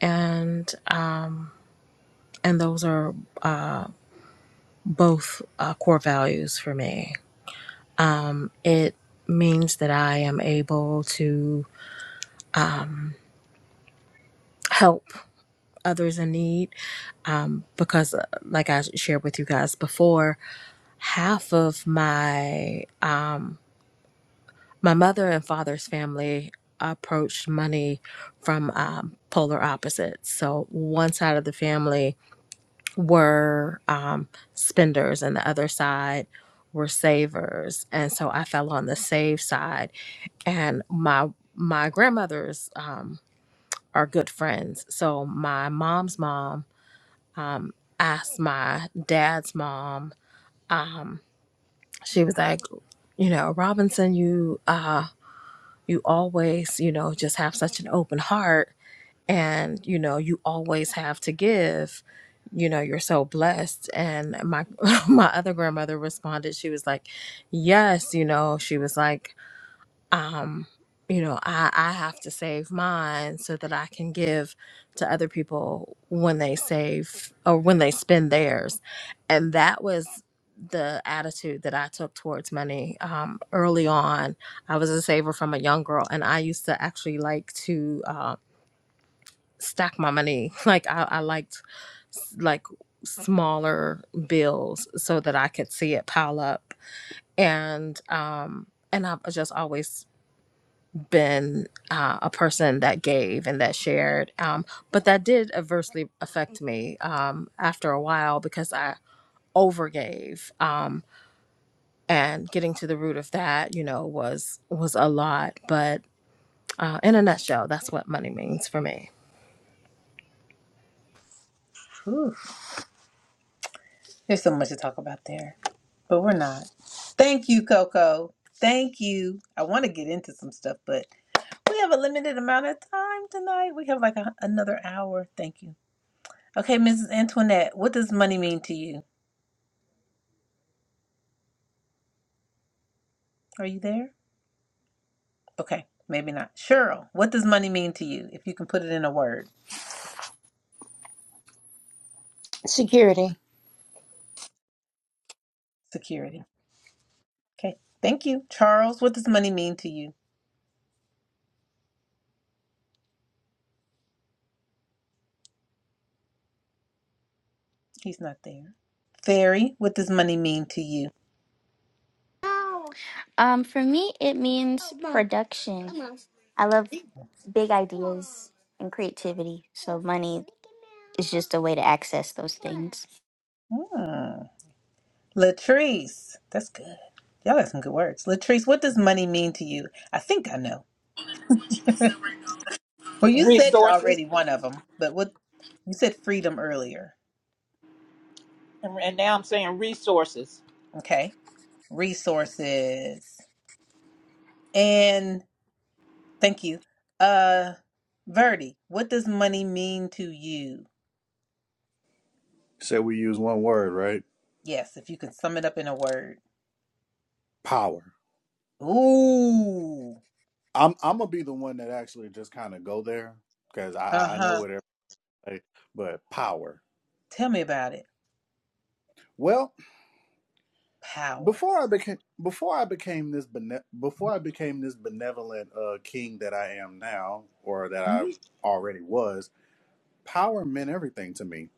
K: and um, and those are uh both uh, core values for me. Um, it means that I am able to um help others in need um because uh, like I shared with you guys before half of my um, my mother and father's family approached money from um, polar opposites. So one side of the family were um, spenders, and the other side were savers. And so I fell on the save side. And my my grandmothers um, are good friends. So my mom's mom um, asked my dad's mom. Um, she was like. you know robinson you uh you always you know just have such an open heart and you know you always have to give you know you're so blessed and my my other grandmother responded she was like yes you know she was like um you know i i have to save mine so that i can give to other people when they save or when they spend theirs and that was the attitude that i took towards money um early on i was a saver from a young girl and i used to actually like to uh stack my money like i, I liked s- like smaller bills so that i could see it pile up and um and i've just always been uh, a person that gave and that shared. Um, but that did adversely affect me um, after a while because I overgave. Um, and getting to the root of that, you know, was was a lot. But uh, in a nutshell, that's what money means for me.
A: Whew, there's so much to talk about there, but we're not. Thank you, Coco. Thank you. I want to get into some stuff, but we have a limited amount of time tonight. We have like a, another hour. Thank you. Okay, Mrs. Antoinette, what does money mean to you? Are you there? Okay, maybe not. Cheryl, what does money mean to you? If you can put it in a word,
G: Security.
A: security. Okay, thank you. Charles, what does money mean to you? He's not there. Fairy, what does money mean to you?
J: Um, for me, it means production. I love big ideas and creativity. So money is just a way to access those things.
A: Hmm. Latrice, that's good. Y'all got some good words. Latrice, what does money mean to you? I think I know. Well, you said it
D: resources,
A: already, one of them, but what you said freedom earlier.
D: and, and now I'm saying resources.
A: Okay. Resources. And thank you. Uh Verdi, what does money mean to you?
L: Say we use one word, right?
A: Yes, if you can sum it up in a word.
L: Power.
A: Ooh.
L: I'm I'm gonna be the one that actually just kind of go there because I I- I know
A: Uh-huh.
L: what everybody. But power.
A: Tell me about it.
L: Well,
A: Power.
L: before I became before I became this bene- before I became this benevolent uh, king that I am now, or that I
A: Mm-hmm.
L: already was, power meant everything to me,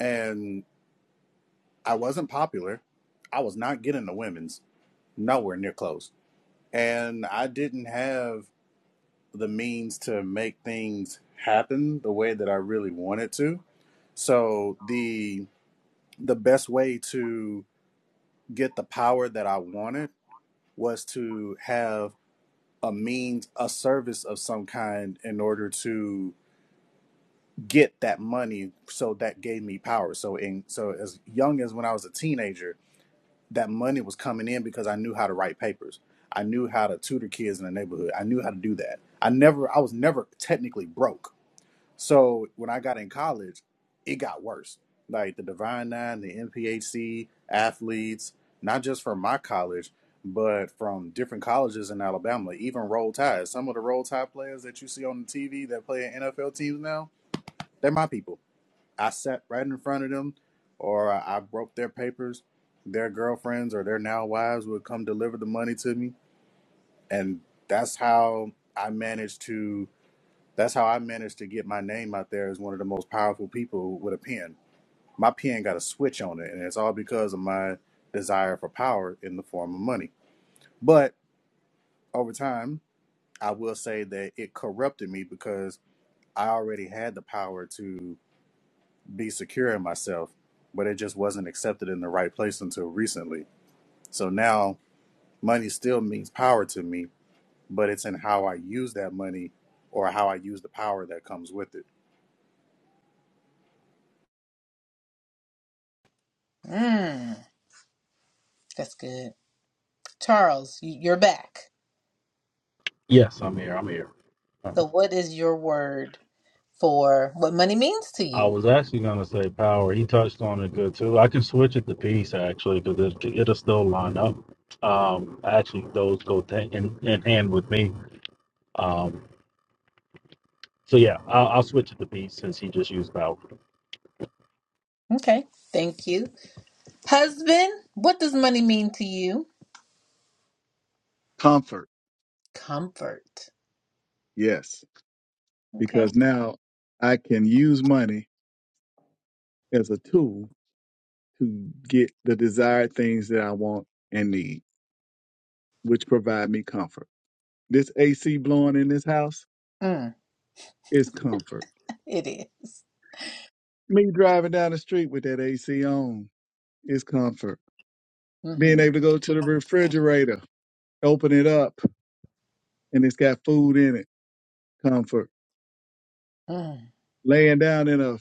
L: and I wasn't popular. I was not getting the women's nowhere near close, and I didn't have the means to make things happen the way that I really wanted to. So the the best way to get the power that I wanted was to have a means, a service of some kind in order to get that money. So that gave me power. So in so as young as when I was a teenager, that money was coming in because I knew how to write papers. I knew how to tutor kids in the neighborhood. I knew how to do that. I never I was never technically broke So when I got in college, it got worse. Like the Divine Nine, the NPHC athletes, not just from my college, but from different colleges in Alabama, even Roll Tide. Some of the Roll Tide players that you see on the TV that play in NFL teams now, they're my people. I sat right in front of them, or I I broke their papers. Their girlfriends or their now wives would come deliver the money to me, and that's how I managed to that's how I managed to get my name out there as one of the most powerful people with a pen. My pen got a switch on it, and it's all because of my desire for power in the form of money. But over time, I will say that it corrupted me because I already had the power to be secure in myself, but it just wasn't accepted in the right place until recently. So now money still means power to me, but it's in how I use that money or how I use the power that comes with it.
A: Mm, that's good. Charles, y- you're back.
H: Yes, I'm here. I'm here. Uh,
A: So, what is your word for what money means to
H: I
A: you?
H: was actually going to say power. He touched on it good too. I can switch it to peace actually because it, it'll still line up. Um, actually, those go t- in, in hand with me. Um, so yeah, I'll, I'll switch it to peace since he just used power.
A: Okay, thank you. Husband, what does money mean to you?
B: Comfort,
A: Comfort.
B: yes,
A: Okay.
B: because now I can use money as a tool to get the desired things that I want and need. which provide me comfort. This AC blowing in this house
A: Mm,
B: is comfort.
A: it is.
B: Me driving down the street with that AC on is comfort. Being
A: Mm-hmm.
B: able to go to the refrigerator, open it up, and it's got food in it, comfort.
A: Mm.
B: Laying down in a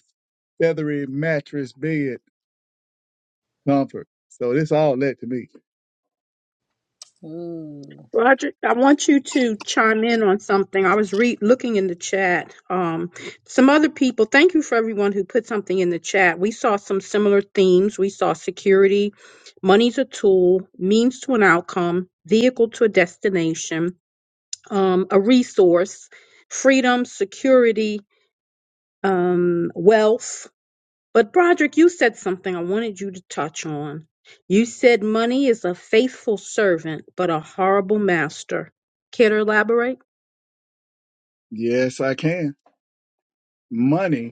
B: feathery mattress bed, comfort. So this all that to me.
A: Ooh.
F: Roger, I want you to chime in on something. I was re looking in the chat. Um, some other people, thank you for everyone who put something in the chat. We saw some similar themes. We saw security, money's a tool, means to an outcome, vehicle to a destination, um, a resource, freedom, security, um, wealth. But Broderick, you said something I wanted you to touch on. You said money is a faithful servant, but a horrible master. Care to elaborate?
B: Yes, I can. Money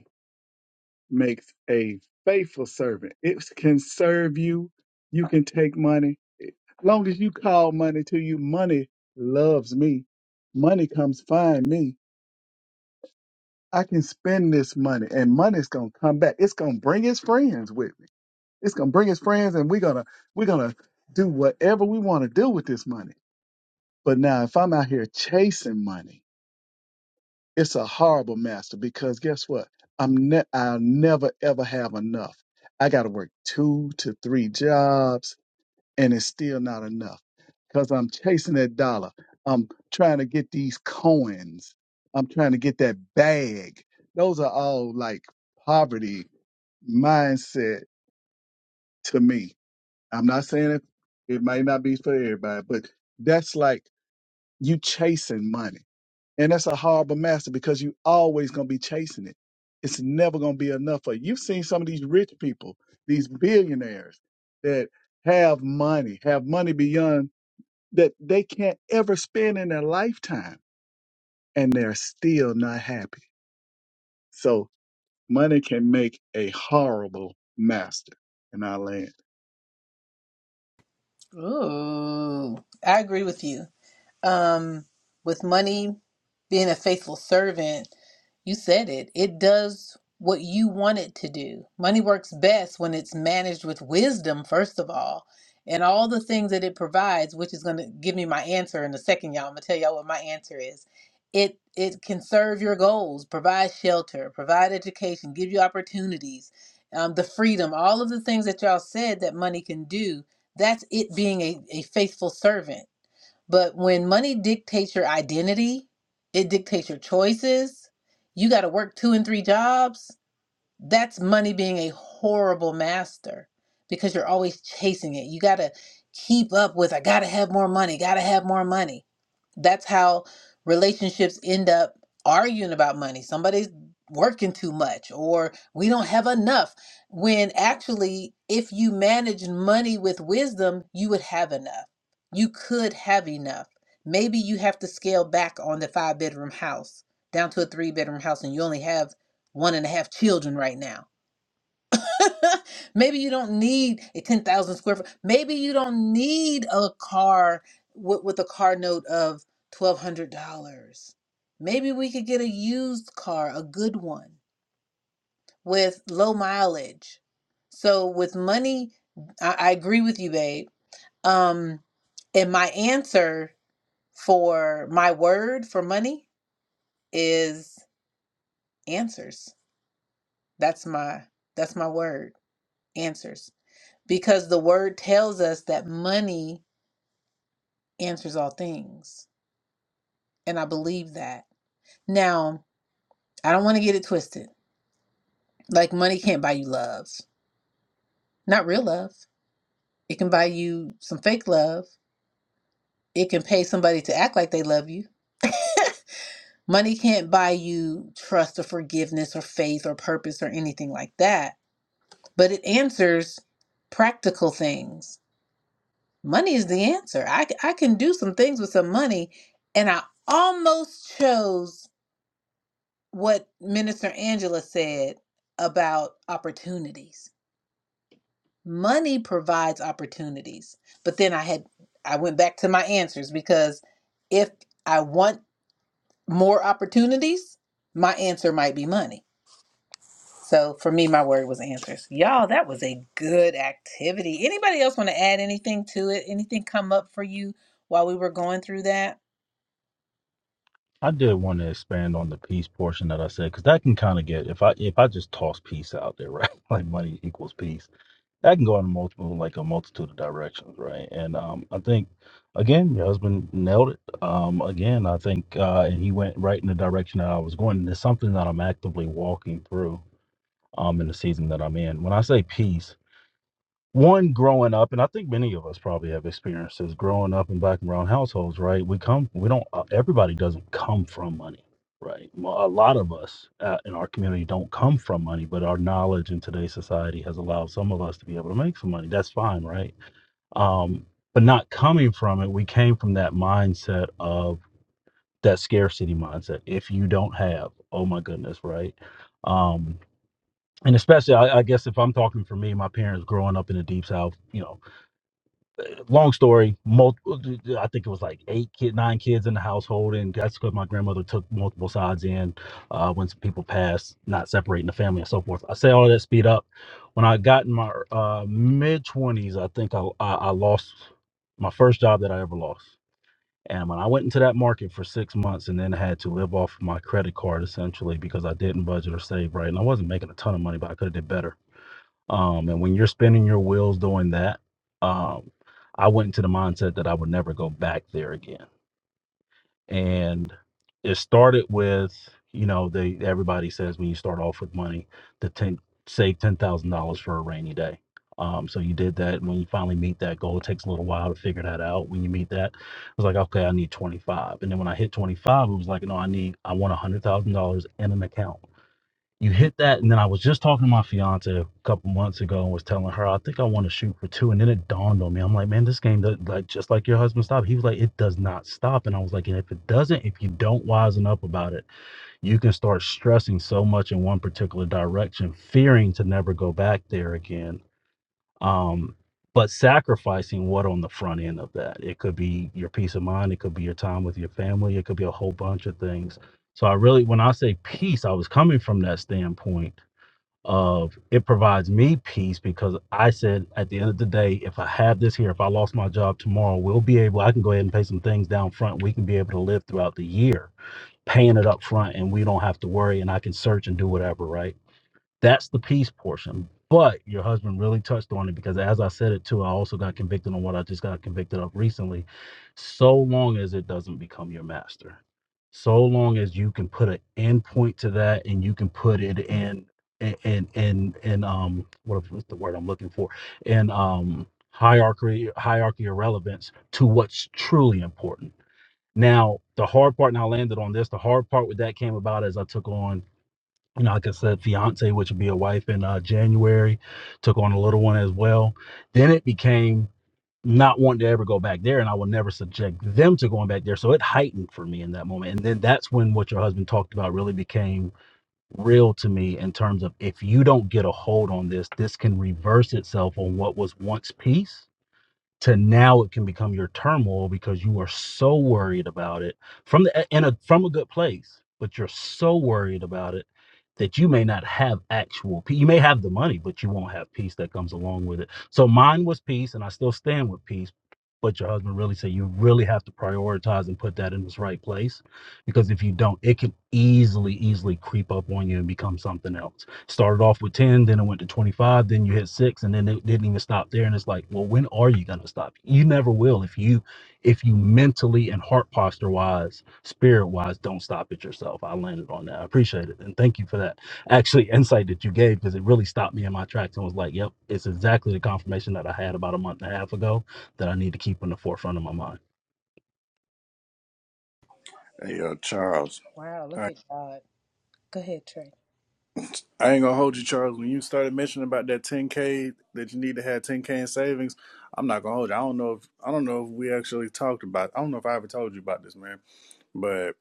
B: makes a faithful servant. It can serve you. You can take money. Long as you call money to you, money loves me. Money comes find me. I can spend this money and money's gonna come back. It's gonna bring his friends with me. It's gonna bring his friends and we're gonna we're gonna do whatever we wanna do with this money. But now if I'm out here chasing money, It's a horrible master because guess what? I'm ne- I'll never ever have enough. I got to work two to three jobs, and it's still not enough because I'm chasing that dollar. I'm trying to get these coins. I'm trying to get that bag. Those are all like poverty mindset to me. I'm not saying it. It might not be for everybody, but that's like you chasing money and that's a horrible master because you always gonna be chasing it. It's never gonna be enough for you. You've seen some of these rich people, these billionaires that have money, have money beyond that they can't ever spend in their lifetime, and they're still not happy. So money can make a horrible master in our land.
A: Ooh. I agree with you. um, with money, being a faithful servant, you said it. It does what you want it to do. Money works best when it's managed with wisdom, first of all, and all the things that it provides, which is going to give me my answer in a second, y'all. I'm going to tell y'all what my answer is. It it can serve your goals, provide shelter, provide education, give you opportunities, um, the freedom, all of the things that y'all said that money can do. That's it being a, a faithful servant but when money dictates your identity, it dictates your choices. You got to work two and three jobs. That's money being a horrible master because you're always chasing it. You got to keep up with, I got to have more money, got to have more money that's how relationships end up arguing about money. Somebody's working too much or we don't have enough. When actually, if you manage money with wisdom, you would have enough. You could have enough. Maybe you have to scale back on the five bedroom house down to a three bedroom house and you only have one and a half children right now Maybe you don't need a 10,000 square foot. Maybe you don't need a car with, with a car note of $1,200. Maybe we could get a used car, a good one with low mileage. So, with money, I, I agree with you, babe. Um, and my answer for my word for money is answers. That's my that's my word. Answers. because the word tells us that money answers all things. And I believe that. Now, I don't want to get it twisted. Like, money can't buy you love, not real love. It can buy you some fake love, it can pay somebody to act like they love you. Money can't buy you trust or forgiveness or faith or purpose or anything like that, but it answers practical things. Money is the answer. I, c- I can do some things with some money, and I almost chose what Minister Angela said about opportunities. Money provides opportunities. But then I had I went back to my answers because if I want more opportunities, my answer might be money. So for me my word was answers. Y'all, that was a good activity. Anybody else want to add anything to it? Anything come up for you while we were going through that?
H: I did want to expand on the peace portion that I said because that can kind of get if I if I just toss peace out there, right? Like money equals peace. That can go in multiple like a multitude of directions, right? And um, I think again, your husband nailed it. Um, again, I think uh, and he went right in the direction that I was going. And it's something that I'm actively walking through um in the season that I'm in. When I say peace one growing up and i think many of us probably have experiences growing up in black and brown households right we come we don't uh, everybody doesn't come from money right Mo- a lot of us uh, in our community don't come from money but our knowledge in today's society has allowed some of us to be able to make some money that's fine right um, but not coming from it we came from that mindset of that scarcity mindset if you don't have oh my goodness right um, and especially I, I guess if i'm talking for me my parents growing up in the deep south you know long story, multiple, I think it was like eight kid, nine kids in the household, and that's because my grandmother took multiple sides in uh, when some people passed, not separating the family and so forth. I say all that speed up. When I got in my uh, mid twenties, I think I, I I lost my first job that I ever lost, and when I went into that market for six months and then had to live off my credit card essentially because I didn't budget or save right, and I wasn't making a ton of money, but I could have did better um, and when you're spinning your wheels doing that, um, I went into the mindset that I would never go back there again. And it started with, you know, they everybody says when you start off with money to ten, save ten thousand dollars for a rainy day. Um, so you did that. When you finally meet that goal, it takes a little while to figure that out. When you meet that, it was like, okay, I need twenty five. And then when I hit twenty five, it was like, no, I need, I want a hundred thousand dollars in an account you hit that and then i was just talking to my fiance a couple months ago and was telling her i think i want to shoot for two and then it dawned on me i'm like man this game does like just like your husband stopped he was like it does not stop and i was like and if it doesn't if you don't wisen up about it you can start stressing so much in one particular direction fearing to never go back there again um but sacrificing what on the front end of that it could be your peace of mind it could be your time with your family it could be a whole bunch of things so i really when i say peace i was coming from that standpoint of it provides me peace because I said at the end of the day, if I have this here, if I lost my job tomorrow, we'll be able, I can go ahead and pay some things down front. We can be able to live throughout the year, paying it up front and we don't have to worry and I can search and do whatever, right? That's the peace portion. But your husband really touched on it because, as I said it too, I also got convicted on what I just got convicted of recently. So long as it doesn't become your master, so long as you can put an end point to that and you can put it in, in, in, in, in um, what, what's the word I'm looking for? In um, hierarchy, hierarchy or relevance to what's truly important. Now, the hard part, and I landed on this, the hard part with that came about as I took on you know, like I said, fiance, which would be a wife in uh, January, took on a little one as well. Then it became not wanting to ever go back there, and I would never subject them to going back there. So it heightened for me in that moment. And then that's when what your husband talked about really became real to me in terms of if you don't get a hold on this, this can reverse itself on what was once peace to now it can become your turmoil because you are so worried about it from the in a from a good place but you're so worried about it that you may not have actual peace you may have the money but you won't have peace that comes along with it so mine was peace and i still stand with peace but your husband really said you really have to prioritize and put that in its right place because if you don't it can easily easily creep up on you and become something else started off with 10 then it went to 25 then you hit 6 and then it didn't even stop there and it's like well when are you going to stop you never will if you if you mentally and heart posture wise spirit wise don't stop it yourself i landed on that i appreciate it and thank you for that actually insight that you gave because it really stopped me in my tracks and was like yep it's exactly the confirmation that i had about a month and a half ago that I need to keep in the forefront of my mind.
L: Hey, uh, Charles.
A: Wow,
L: I
A: look at God. Go ahead,
L: I ain't gonna hold you, Charles. When you started mentioning about that 10k that you need to have 10k in savings, I'm not gonna hold you. I don't know if I don't know if we actually talked about. I don't know if I ever told you about this, man. But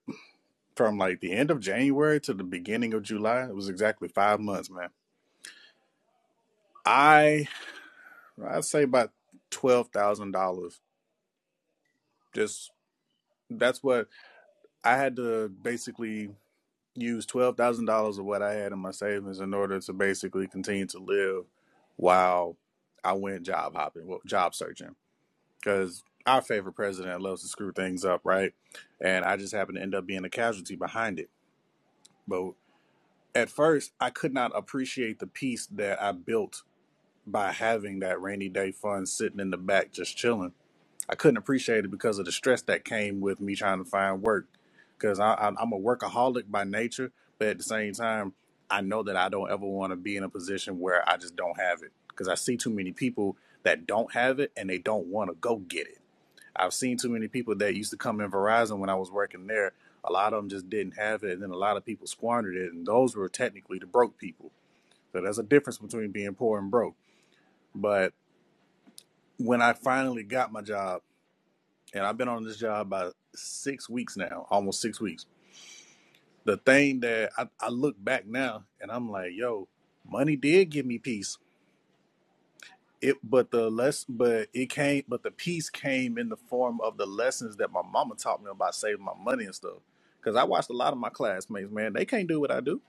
L: from like the end of January to the beginning of July, it was exactly five months, man. I I'd say about twelve thousand dollars. Just that's what I had to basically use twelve thousand dollars of what I had in my savings in order to basically continue to live while I went job hopping, well, job searching because our favorite president loves to screw things up, right? And I just happened to end up being a casualty behind it. But at first, I could not appreciate the peace that I built by having that rainy day fund sitting in the back just chilling. I couldn't appreciate it because of the stress that came with me trying to find work. Because I, I, I'm a workaholic by nature, but at the same time, I know that I don't ever want to be in a position where I just don't have it. Because I see too many people that don't have it and they don't want to go get it I've seen too many people that used to come in Verizon when I was working there. A lot of them just didn't have it, and then a lot of people squandered it, and those were technically the broke people. So there's a difference between being poor and broke. But when I finally got my job, and I've been on this job about six weeks now, almost six weeks, the thing that I, I look back now and I'm like, yo, money did give me peace it but the less but it came but the peace came in the form of the lessons that my mama taught me about saving my money and stuff because i watched a lot of my classmates man they can't do what i do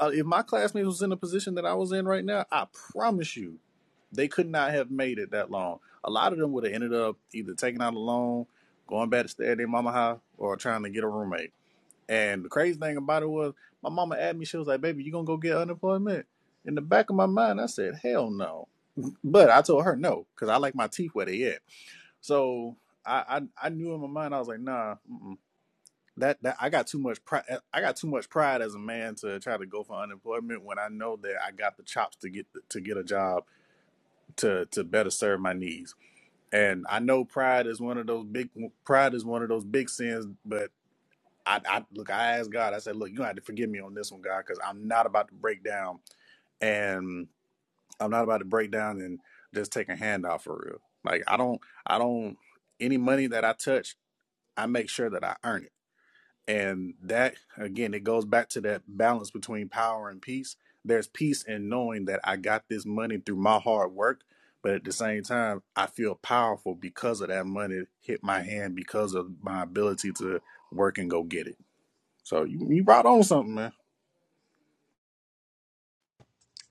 L: uh, if my classmates was in the position that i was in right now i promise you they could not have made it that long a lot of them would have ended up either taking out a loan going back to stay at their mama house or trying to get a roommate and the crazy thing about it was, my mama asked me, she was like, "Baby, you gonna go get unemployment?" In the back of my mind, I said, "Hell no," but I told her no because I like my teeth where they at. So I, I I knew in my mind I was like, "Nah, mm-mm. that that I got too much pride. I got too much pride as a man to try to go for unemployment when I know that I got the chops to get the, to get a job to to better serve my needs." And I know pride is one of those big pride is one of those big sins, but I, I look, I asked God, I said, look, you gonna have to forgive me on this one, God, because I'm not about to break down and I'm not about to break down and just take a handout for real. Like I don't I don't any money that I touch, I make sure that I earn it. And that again, it goes back to that balance between power and peace. There's peace in knowing that I got this money through my hard work, but at the same time, I feel powerful because of that money hit my hand because of my ability to work and go get it. So you you brought on something, man.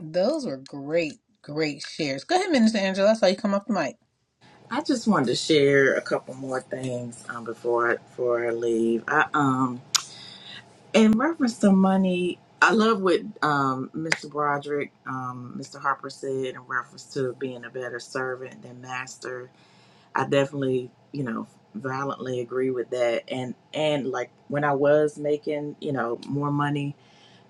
A: Those were great, great shares. Go ahead, Minister Angela. I saw you come off the mic.
I: I just wanted to share a couple more things um, before I, before I leave. I, um, in reference to money, I love what um, Mr. Broderick, um, Mr. Harper said in reference to being a better servant than master. I definitely, you know, violently agree with that. And and like when I was making, you know, more money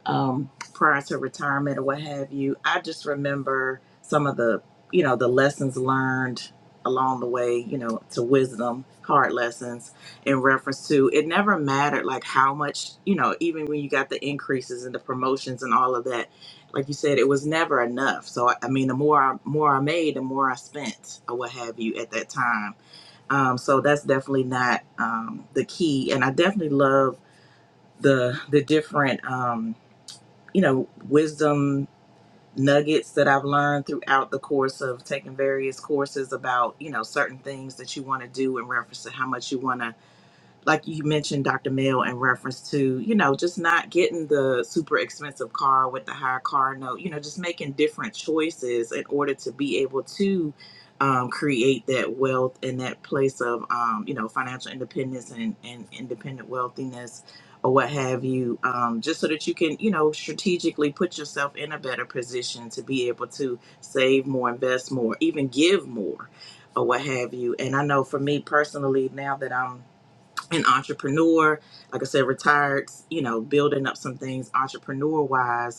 I: um, prior to retirement or what have you. I just remember some of the, you know, the lessons learned along the way, you know, to wisdom, hard lessons in reference to it never mattered like how much, you know, even when you got the increases and the promotions and all of that, like you said, it was never enough. So I I mean, the more I more I made, the more I spent or what have you at that time. Um, so that's definitely not um, the key. And I definitely love the the different. Um, you know, wisdom nuggets that I've learned throughout the course of taking various courses about, you know, certain things that you want to do in reference to how much you want to like you mentioned, Dr. Mail, in reference to, you know, just not getting the super expensive car with the higher car note, you know, just making different choices in order to be able to um, create that wealth and that place of, um, you know, financial independence and, and independent wealthiness or what have you, um, just so that you can, you know, strategically put yourself in a better position to be able to save more, invest more, even give more or what have you. And I know for me personally, now that I'm an entrepreneur, like I said, retired, you know, building up some things entrepreneur wise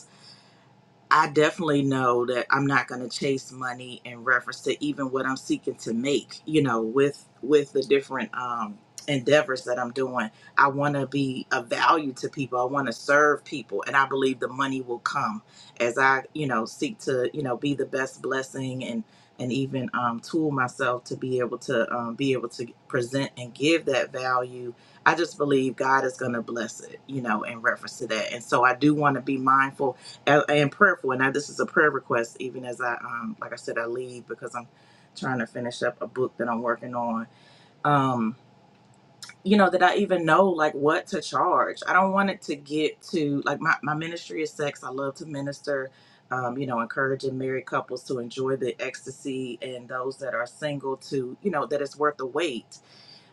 I: I definitely know that I'm not going to chase money in reference to even what I'm seeking to make, you know, with with the different um endeavors that I'm doing. I want to be of value to people. I want to serve people, and I believe the money will come as I, you know, seek to, you know, be the best blessing and and even um tool myself to be able to um, be able to present and give that value. I just believe God is going to bless it, you know, in reference to that. And so I do want to be mindful and and prayerful. And now this is a prayer request, even as I, um, like I said, I leave because I'm trying to finish up a book that I'm working on. Um, you know, that I even know like what to charge. I don't want it to get to like my, my ministry is sex. I love to minister, um, you know, encouraging married couples to enjoy the ecstasy and those that are single to, you know, that it's worth the wait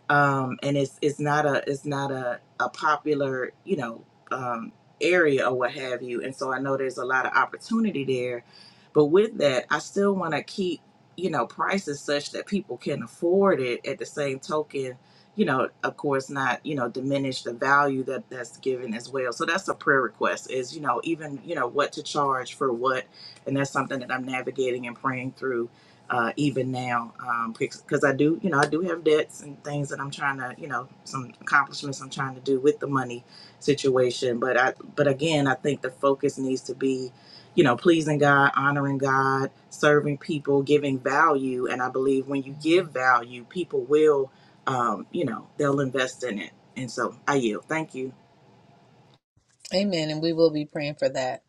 I: um, and it's it's not a it's not a, a popular you know um, area or what have you and so i know there's a lot of opportunity there but with that i still want to keep you know prices such that people can afford it at the same token you know of course not you know diminish the value that that's given as well so that's a prayer request is you know even you know what to charge for what and that's something that i'm navigating and praying through uh, even now, um, because I do, you know, I do have debts and things that I'm trying to, you know, some accomplishments I'm trying to do with the money situation. But I, but again, I think the focus needs to be, you know, pleasing God, honoring God, serving people, giving value. And I believe when you give value, people will, um, you know, they'll invest in it. And so I yield. Thank you.
A: Amen. And we will be praying for that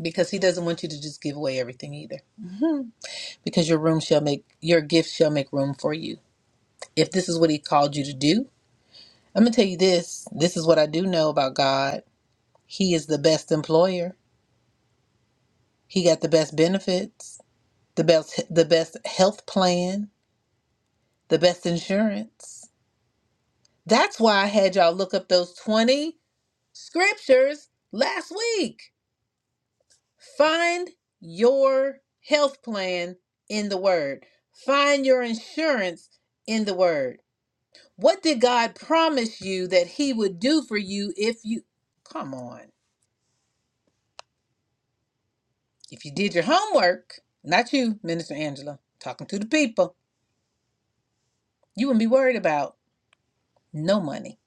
A: because he doesn't want you to just give away everything either. Mhm. Because your room shall make, your gift shall make room for you. If this is what he called you to do, I'm going to tell you this. This is what I do know about God. He is the best employer. He got the best benefits, the best, the best health plan, the best insurance. That's why I had y'all look up those 20 scriptures last week. Find your health plan in the Word, find your insurance in the Word. What did God promise you that He would do for you if you come on? If you did your homework, not you, Minister Angela, talking to the people, you wouldn't be worried about no money.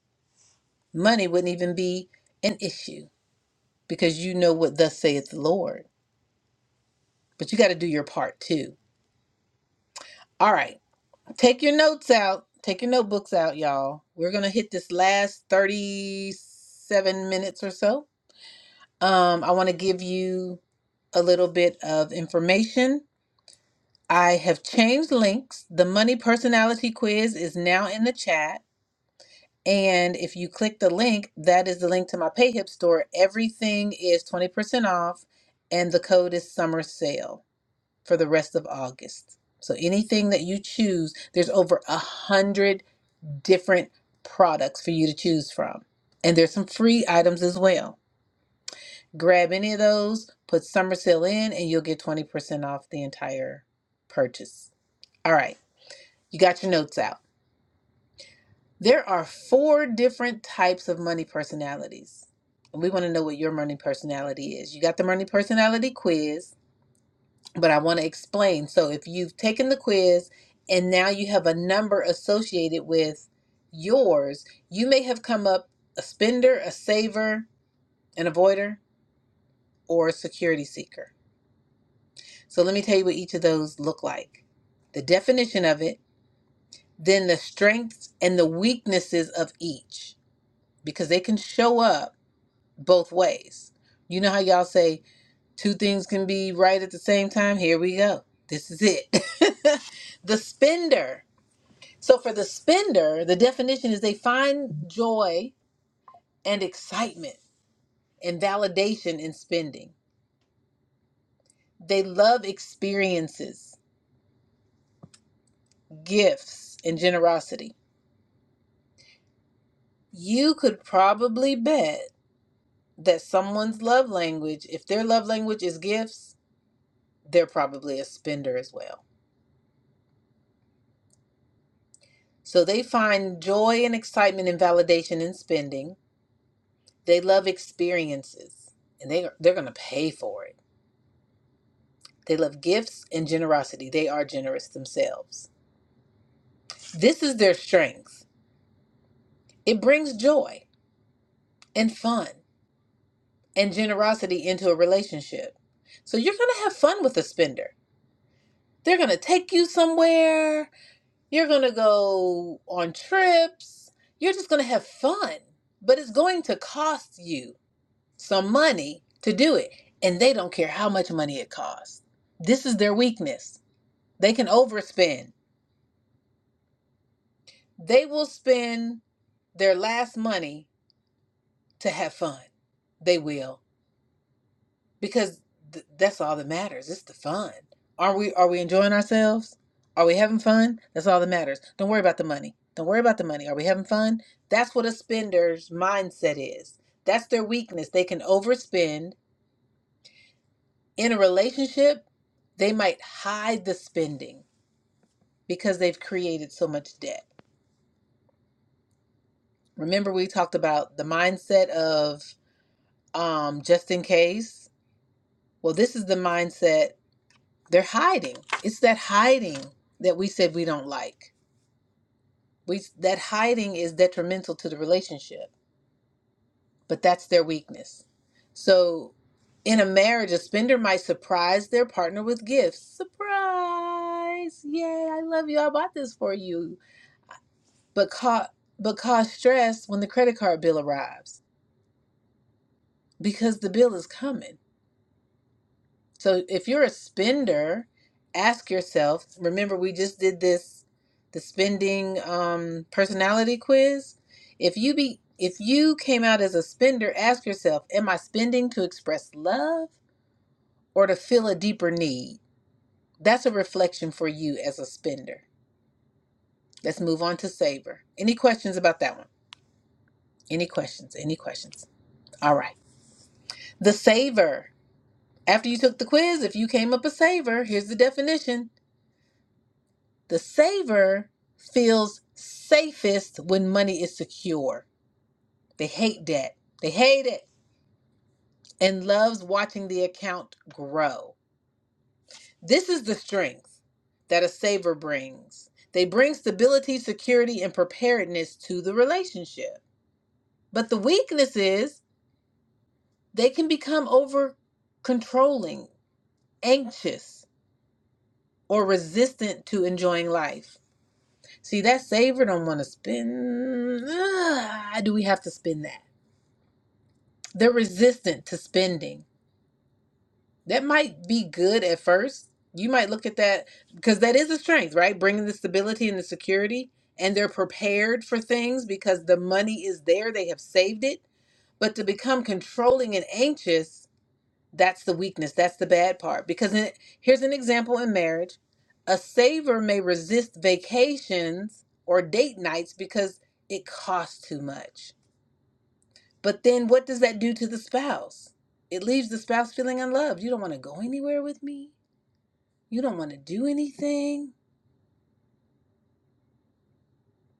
A: Money wouldn't even be an issue because you know what thus saith the Lord. But you got to do your part too. All right. Take your notes out. Take your notebooks out, y'all. We're gonna hit this last 37 minutes or so. Um, I want to give you a little bit of information. I have changed links. The money personality quiz is now in the chat. And if you click the link, that is the link to my PayHip store. Everything is 20% off, and the code is summer sale for the rest of August. So anything that you choose, there's over a hundred different products for you to choose from. And there's some free items as well. Grab any of those, put summer sale in, and you'll get 20% off the entire purchase. All right, you got your notes out. There are four different types of money personalities. And we want to know what your money personality is. You got the money personality quiz. but I want to explain. So if you've taken the quiz and now you have a number associated with yours, you may have come up a spender, a saver, an avoider, or a security seeker. So let me tell you what each of those look like. The definition of it, then the strengths and the weaknesses of each because they can show up both ways. You know how y'all say two things can be right at the same time? Here we go. This is it. the spender. So for the spender, the definition is they find joy and excitement and validation in spending. They love experiences, gifts, and generosity. You could probably bet that someone's love language, if their love language is gifts, they're probably a spender as well. So they find joy and excitement and validation in spending. They love experiences and they, they're going to pay for it They love gifts and generosity. They are generous themselves. This is their strength. It brings joy and fun and generosity into a relationship. So you're going to have fun with a spender. They're going to take you somewhere. You're going to go on trips. You're just going to have fun. But it's going to cost you some money to do it. And they don't care how much money it costs. This is their weakness. They can overspend They will spend their last money to have fun. They will because th- that's all that matters. It's the fun. Are we are we enjoying ourselves? Are we having fun? That's all that matters. Don't worry about the money. Don't worry about the money. Are we having fun? That's what a spender's mindset is. That's their weakness. They can overspend in a relationship. They might hide the spending because they've created so much debt. Remember we talked about the mindset of um, just in case. Well, this is the mindset they're hiding. It's that hiding that we said we don't like. We that hiding is detrimental to the relationship, but that's their weakness. So, in a marriage, a spender might surprise their partner with gifts. Surprise! Yay! I love you. I bought this for you. But caught but cause stress when the credit card bill arrives because the bill is coming So if you're a spender, ask yourself, remember we just did this the spending um personality quiz. If you be if you came out as a spender, ask yourself, am I spending to express love or to fill a deeper need? That's a reflection for you as a spender. Let's move on to saver. Any questions about that one? Any questions? Any questions? All right. The saver. After you took the quiz, if you came up a saver, here's the definition. The saver feels safest when money is secure. They hate debt. They hate it and loves watching the account grow. This is the strength that a saver brings. They bring stability, security, and preparedness to the relationship. But the weakness is they can become over controlling, anxious, or resistant to enjoying life. See, that saver don't want to spend. Ugh, do we have to spend that? they're resistant to spending. That might be good at first. You might look at that because that is a strength, right? Bringing the stability and the security, and they're prepared for things because the money is there, they have saved it. But to become controlling and anxious, that's the weakness. That's the bad part. Because in, here's an example in marriage a saver may resist vacations or date nights because it costs too much but then what does that do to the spouse? It leaves the spouse feeling unloved. You don't want to go anywhere with me. You don't want to do anything.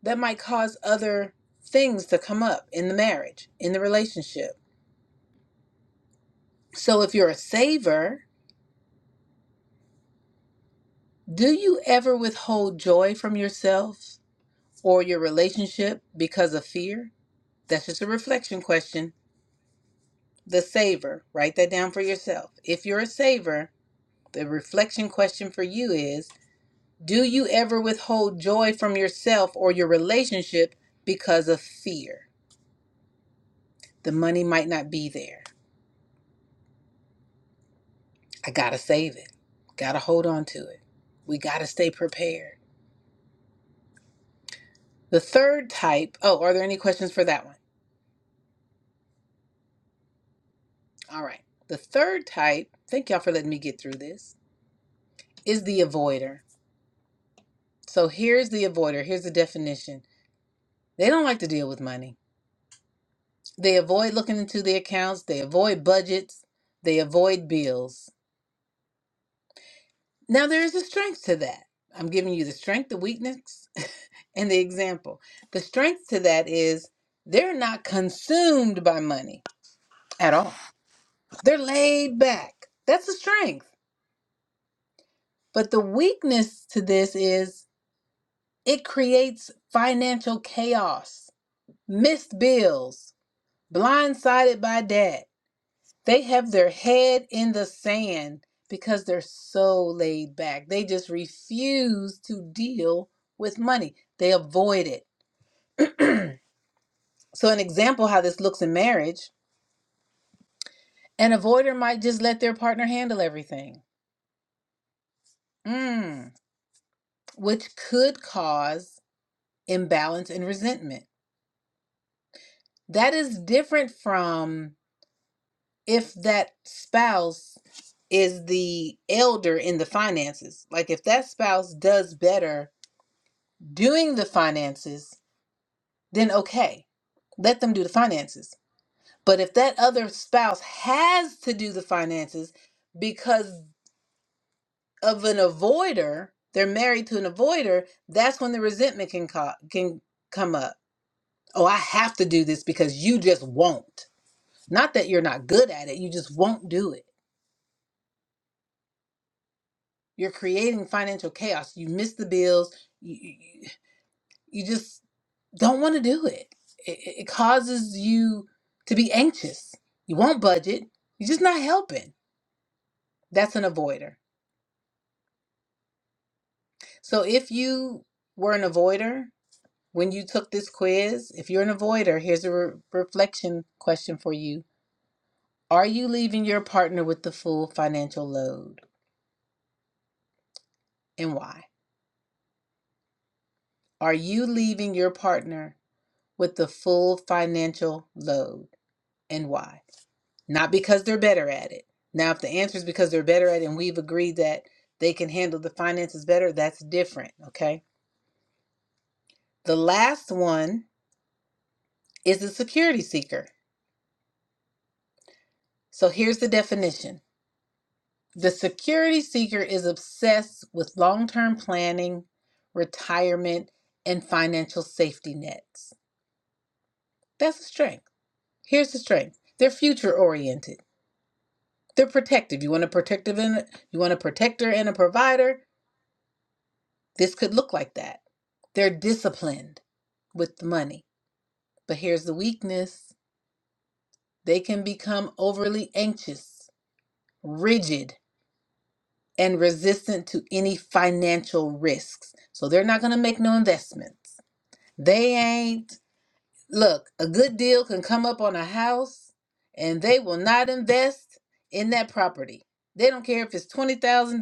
A: That might cause other things to come up in the marriage, in the relationship. So if you're a saver, do you ever withhold joy from yourself or your relationship because of fear? That's just a reflection question. The saver, write that down for yourself. If you're a saver, the reflection question for you is Do you ever withhold joy from yourself or your relationship because of fear? The money might not be there. I gotta save it. Gotta hold on to it. We gotta stay prepared. The third type, oh, are there any questions for that one? All right. The third type, thank y'all for letting me get through this, is the avoider. So here's the avoider. Here's the definition. They don't like to deal with money. They avoid looking into the accounts, they avoid budgets, they avoid bills. Now, there is a strength to that. I'm giving you the strength, the weakness, and the example. The strength to that is they're not consumed by money at all, they're laid back. That's a strength. But the weakness to this is it creates financial chaos, missed bills, blindsided by debt. They have their head in the sand because they're so laid back. They just refuse to deal with money. They avoid it. So an example how this looks in marriage, an avoider might just let their partner handle everything. Mm, which could cause imbalance and resentment. That is different from if that spouse is the elder in the finances. Like if that spouse does better doing the finances then okay, let them do the finances. But if that other spouse has to do the finances because of an avoider, they're married to an avoider, that's when the resentment can co- can come up. Oh, I have to do this because you just won't. Not that you're not good at it, you just won't do it. You're creating financial chaos. You miss the bills. You, you, you just don't want to do it. it. It causes you to be anxious. You won't budget. You're just not helping. That's an avoider. So if you were an avoider when you took this quiz, if you're an avoider, here's a re- reflection question for you. Are you leaving your partner with the full financial load and why? Are you leaving your partner with the full financial load? and why? Not because they're better at it. Now, if the answer is because they're better at it and we've agreed that they can handle the finances better, that's different, okay? The last one is the security seeker. So here's the definition the security seeker is obsessed with long term planning, retirement, and financial safety nets. That's a strength. Here's the strength they're future oriented, they're protective. You want a protective, and you want a protector and a provider This could look like that. They're disciplined with the money. But here's the weakness they can become overly anxious, rigid, and resistant to any financial risks. So they're not going to make no investments. They ain't Look, a good deal can come up on a house and they will not invest in that property. They don't care if it's $20,000.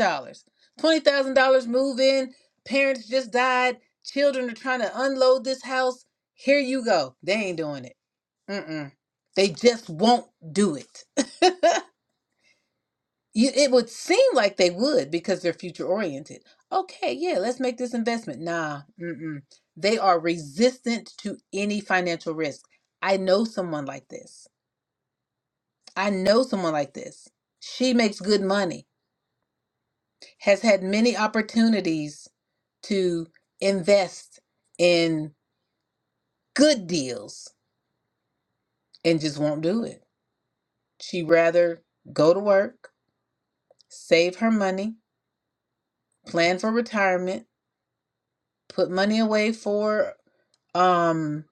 A: $20,000 move in, parents just died, children are trying to unload this house. Here you go. They ain't doing it. Mm-mm. They just won't do it. You, it would seem like they would because they're future oriented. Okay, yeah, let's make this investment. Nah, mm-mm. They are resistant to any financial risk. I know someone like this. I know someone like this. She makes good money, has had many opportunities to invest in good deals and just won't do it. She rather go to work, save her money, plan for retirement, put money away for Um,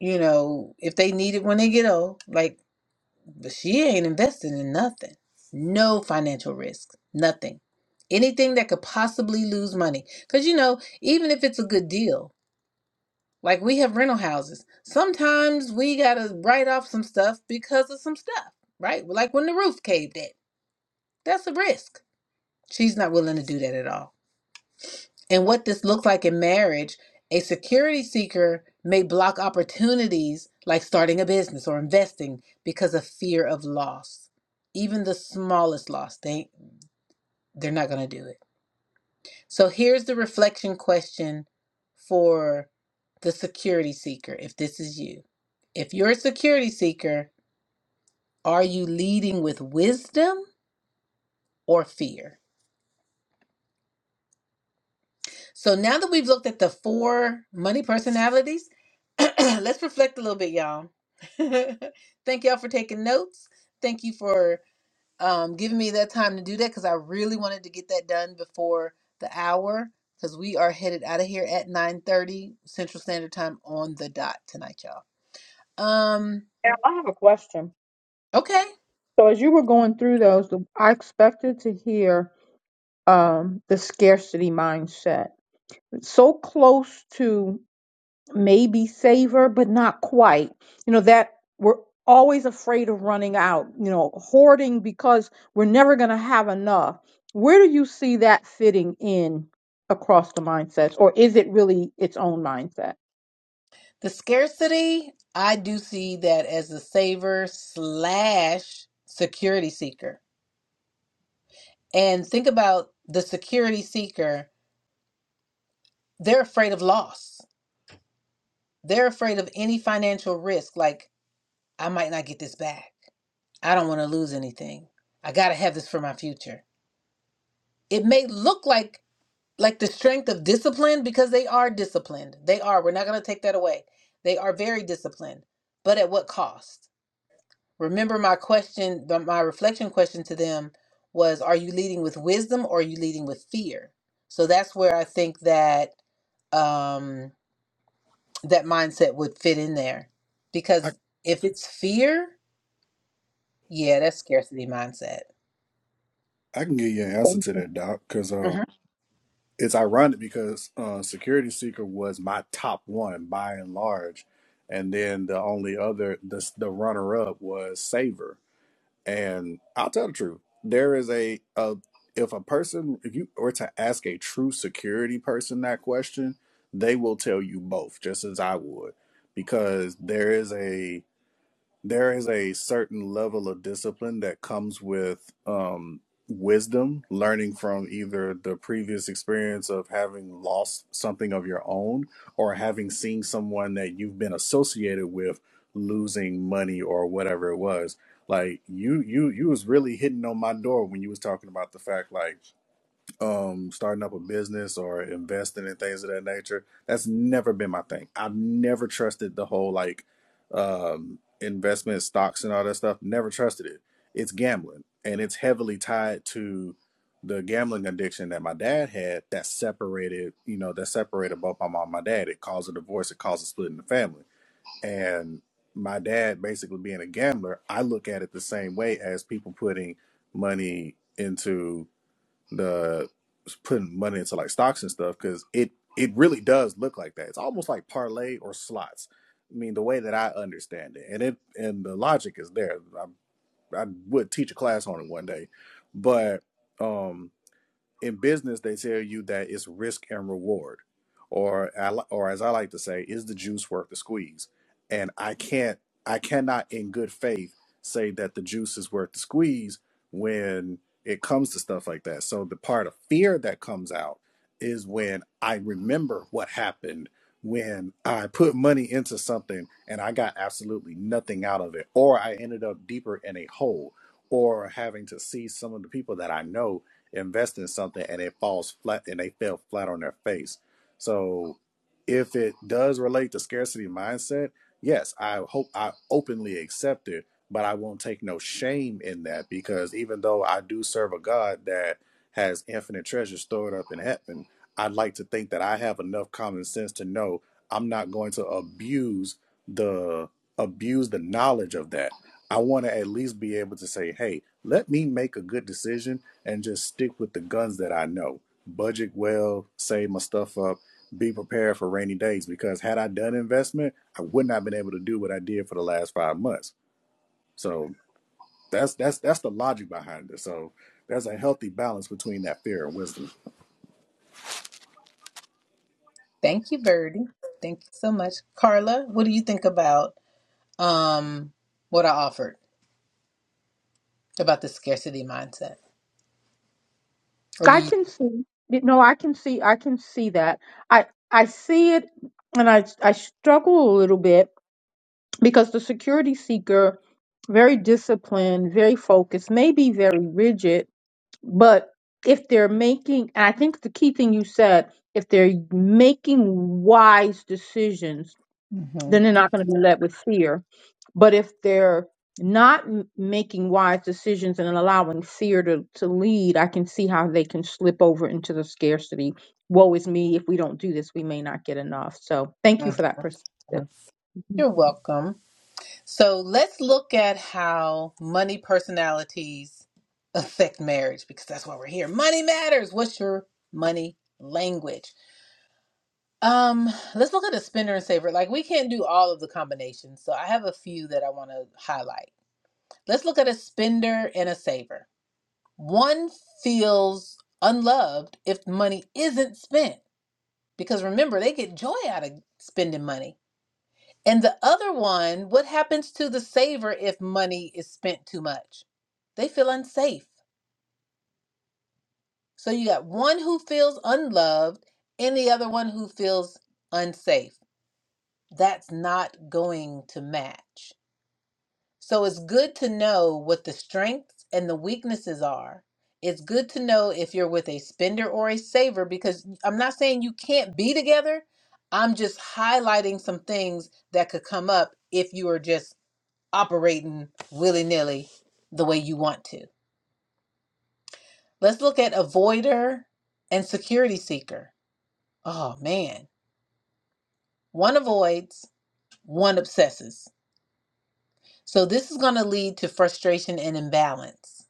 A: you know, if they need it when they get old, like, but she ain't invested in nothing. No financial risk, nothing. Anything that could possibly lose money. Because, you know, even if it's a good deal, like we have rental houses, sometimes we got to write off some stuff because of some stuff, right? Like when the roof caved in, that's a risk. She's not willing to do that at all. And what this looks like in marriage, a security seeker may block opportunities like starting a business or investing because of fear of loss. Even the smallest loss, they they're not going to do it. So here's the reflection question for the security seeker if this is you. If you're a security seeker, are you leading with wisdom or fear? So now that we've looked at the four money personalities, let's reflect a little bit, y'all. Thank y'all for taking notes. Thank you for um, giving me that time to do that because I really wanted to get that done before the hour because we are headed out of here at 9.30 Central Standard Time on the dot tonight, y'all. Um,
F: Now, I have a question.
A: okay.
F: So, as you were going through those, I expected to hear um, the scarcity mindset. So close to maybe savor, but not quite. You know, that we're always afraid of running out, you know, hoarding because we're never going to have enough. Where do you see that fitting in across the mindsets, or is it really its own mindset?
A: The scarcity, I do see that as a saver slash security seeker And think about the security seeker. They're afraid of loss. They're afraid of any financial risk, like, I might not get this back. I don't want to lose anything. I got to have this for my future. It may look like like the strength of discipline because they are disciplined. They are. We're not going to take that away. They are very disciplined. But at what cost? Remember my question, the- my reflection question to them was are you leading with wisdom or are you leading with fear? So that's where I think that um that mindset would fit in there
L: I
A: because if it's fear yeah that's scarcity mindset
L: I can give you an answer
F: Thank
L: to
F: you.
L: that, Doc, because uh,
A: Mhm.
L: it's ironic because uh, Security Seeker was my top one by and large, and then the only other the the runner up was Saver. And I'll tell the truth, there is a a if a person if you were to ask a true security person that question, they will tell you both, just as I would, because there is a there is a certain level of discipline that comes with um, wisdom, learning from either the previous experience of having lost something of your own or having seen someone that you've been associated with losing money or whatever it was. Like you, you, you was really hitting on my door when you was talking about the fact like um starting up a business or investing in things of that nature that's never been my thing i've never trusted the whole like um investment stocks and all that stuff never trusted it it's gambling and it's heavily tied to the gambling addiction that my dad had that separated you know that separated both my mom and my dad it caused a divorce it caused a split in the family and my dad basically being a gambler i look at it the same way as people putting money into the putting money into like stocks and stuff because it it really does look like that. It's almost like parlay or slots. I mean, the way that I understand it, and it and the logic is there. I I would teach a class on it one day, but um in business they tell you that it's risk and reward or or as i like to say is the juice worth the squeeze and i can't i cannot in good faith say that the juice is worth the squeeze when it comes to stuff like that so the part of fear that comes out is when i remember what happened when i put money into something and i got absolutely nothing out of it or i ended up deeper in a hole or having to see some of the people that i know invest in something and it falls flat and they fell flat on their face. So if it does relate to scarcity mindset, yes, I hope I openly accept it, but I won't take no shame in that because even though I do serve a God that has infinite treasure stored up in heaven, I'd like to think that I have enough common sense to know I'm not going to abuse the abuse the knowledge of that I want to at least be able to say, hey, let me make a good decision and just stick with the guns that I know. Budget well, save my stuff up, be prepared for rainy days. Because had I done investment, I would not have been able to do what I did for the last five months. So that's that's that's the logic behind it. So there's a healthy balance between that fear and wisdom.
A: thank you Birdie. thank you so much Carla what do you think about um what I offered about the scarcity mindset or do
F: I
A: you
F: can see, you know, I can see, I can see that. I I see it, and I I struggle a little bit because the security seeker, very disciplined, very focused, maybe very rigid But if they're making, and I think the key thing you said, if they're making wise decisions,
A: Mhm,
F: then they're not going to be led with fear. But if they're not m- making wise decisions and allowing fear to, to lead, I can see how they can slip over into the scarcity. Woe is me. If we don't do this, we may not get enough. So thank you
A: mhm,
F: for that perspective.
A: mhm. you're welcome so let's look at how money personalities affect marriage because that's why we're here money matters what's your money language Um, let's look at the spender and saver. Like we can't do all of the combinations, so I have a few that I want to highlight. Let's look at a spender and a saver. One feels unloved if money isn't spent because remember they get joy out of spending money. And the other one, what happens to the saver if money is spent too much? They feel unsafe. So you got one who feels unloved and the other one who feels unsafe. that's not going to match. So it's good to know what the strengths and the weaknesses are. It's good to know if you're with a spender or a saver because I'm not saying you can't be together. I'm just highlighting some things that could come up if you are just operating willy nilly the way you want to. Let's look at avoider and security seeker. Oh man, one avoids, one obsesses. So this is going to lead to frustration and imbalance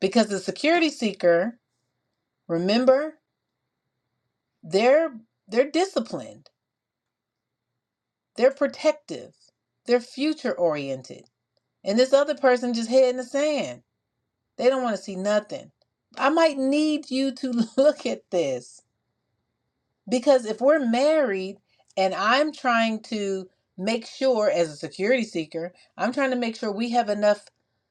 A: because the security seeker, remember, they're they're disciplined, they're protective, they're future oriented. And this other person just head in the sand. They don't want to see nothing. I might need you to look at this Because if we're married and I'm trying to make sure, as a security seeker, I'm trying to make sure we have enough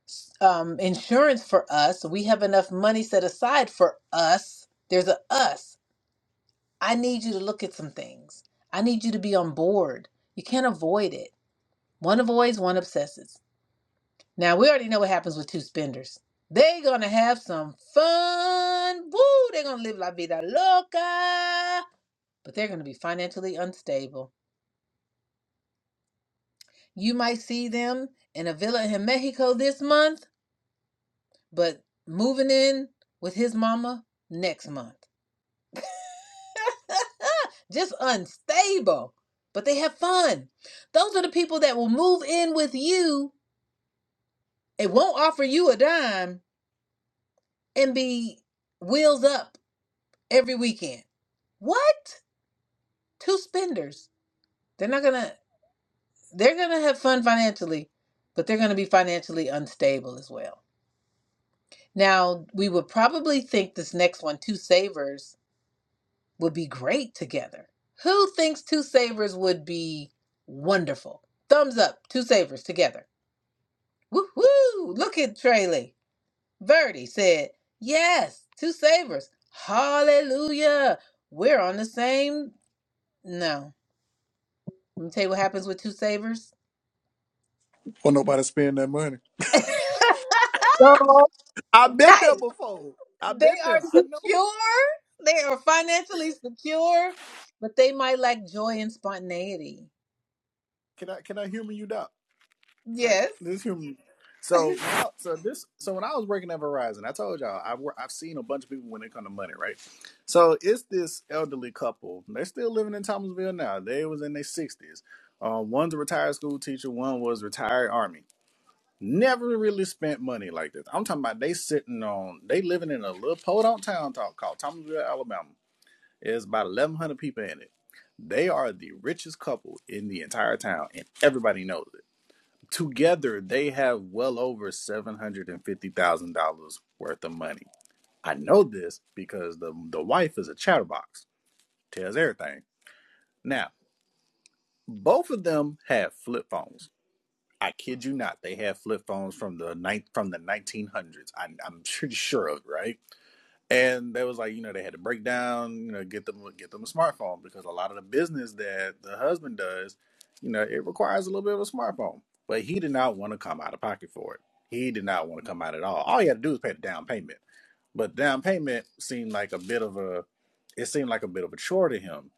A: s- um, insurance for us, we have enough money set aside for us. There's a us. I need you to look at some things. I need you to be on board. You can't avoid it. One avoids, one obsesses. Now, we already know what happens with two spenders. They're going to have some fun. Woo! They're going to live la vida loca but they're going to be financially unstable. You might see them in a villa in Mexico this month, but moving in with his mama next month. Just unstable, but they have fun. Those are the people that will move in with you and won't offer you a dime and be wheels up every weekend. What? Two spenders. They're not going to, they're going to have fun financially, but they're going to be financially unstable as well. Now, we would probably think this next one, Two Savers, would be great together. Who thinks Two Savers would be wonderful? Thumbs up, Two Savers together. Woo-hoo! Look at Traley. Verdi said, Yes, Two Savers. Hallelujah. We're on the same. No. Let me tell you what happens with Two Savers.
L: Well, nobody spend that money.
A: right.
F: So,
L: I've been there before. I've
A: They
L: been
A: are
L: there. I know.
A: secure. They are financially secure, but they might lack joy and spontaneity.
L: Can I can I humor you, Doc? Right.
A: Yes,
L: This human. So, so this, so when I was working at Verizon, I told y'all I've I've seen a bunch of people when it come to money, right? So it's this elderly couple. They're still living in Thomasville now. They was in their sixties. Um, one's a retired school teacher. One was retired army. Never really spent money like this. I'm talking about they sitting on. They living in a little podunk town talk called Thomasville, Alabama. It's about 1,100 people in it. They are the richest couple in the entire town, and everybody knows it Together, they have well over $750,000 worth of money. I know this because the, the wife is a chatterbox, tells everything. Now, both of them have flip phones. I kid you not, they have flip phones from the ninth from the 1900s. I'm, I'm pretty sure of it, right? and they was like, you know, they had to break down, you know, get them get them a smartphone because a lot of the business that the husband does, you know, it requires a little bit of a smartphone. But he did not want to come out of pocket for it. He did not want to come out at all. All he had to do was pay the down payment. But down payment seemed like a bit of a it seemed like a bit of a chore to him.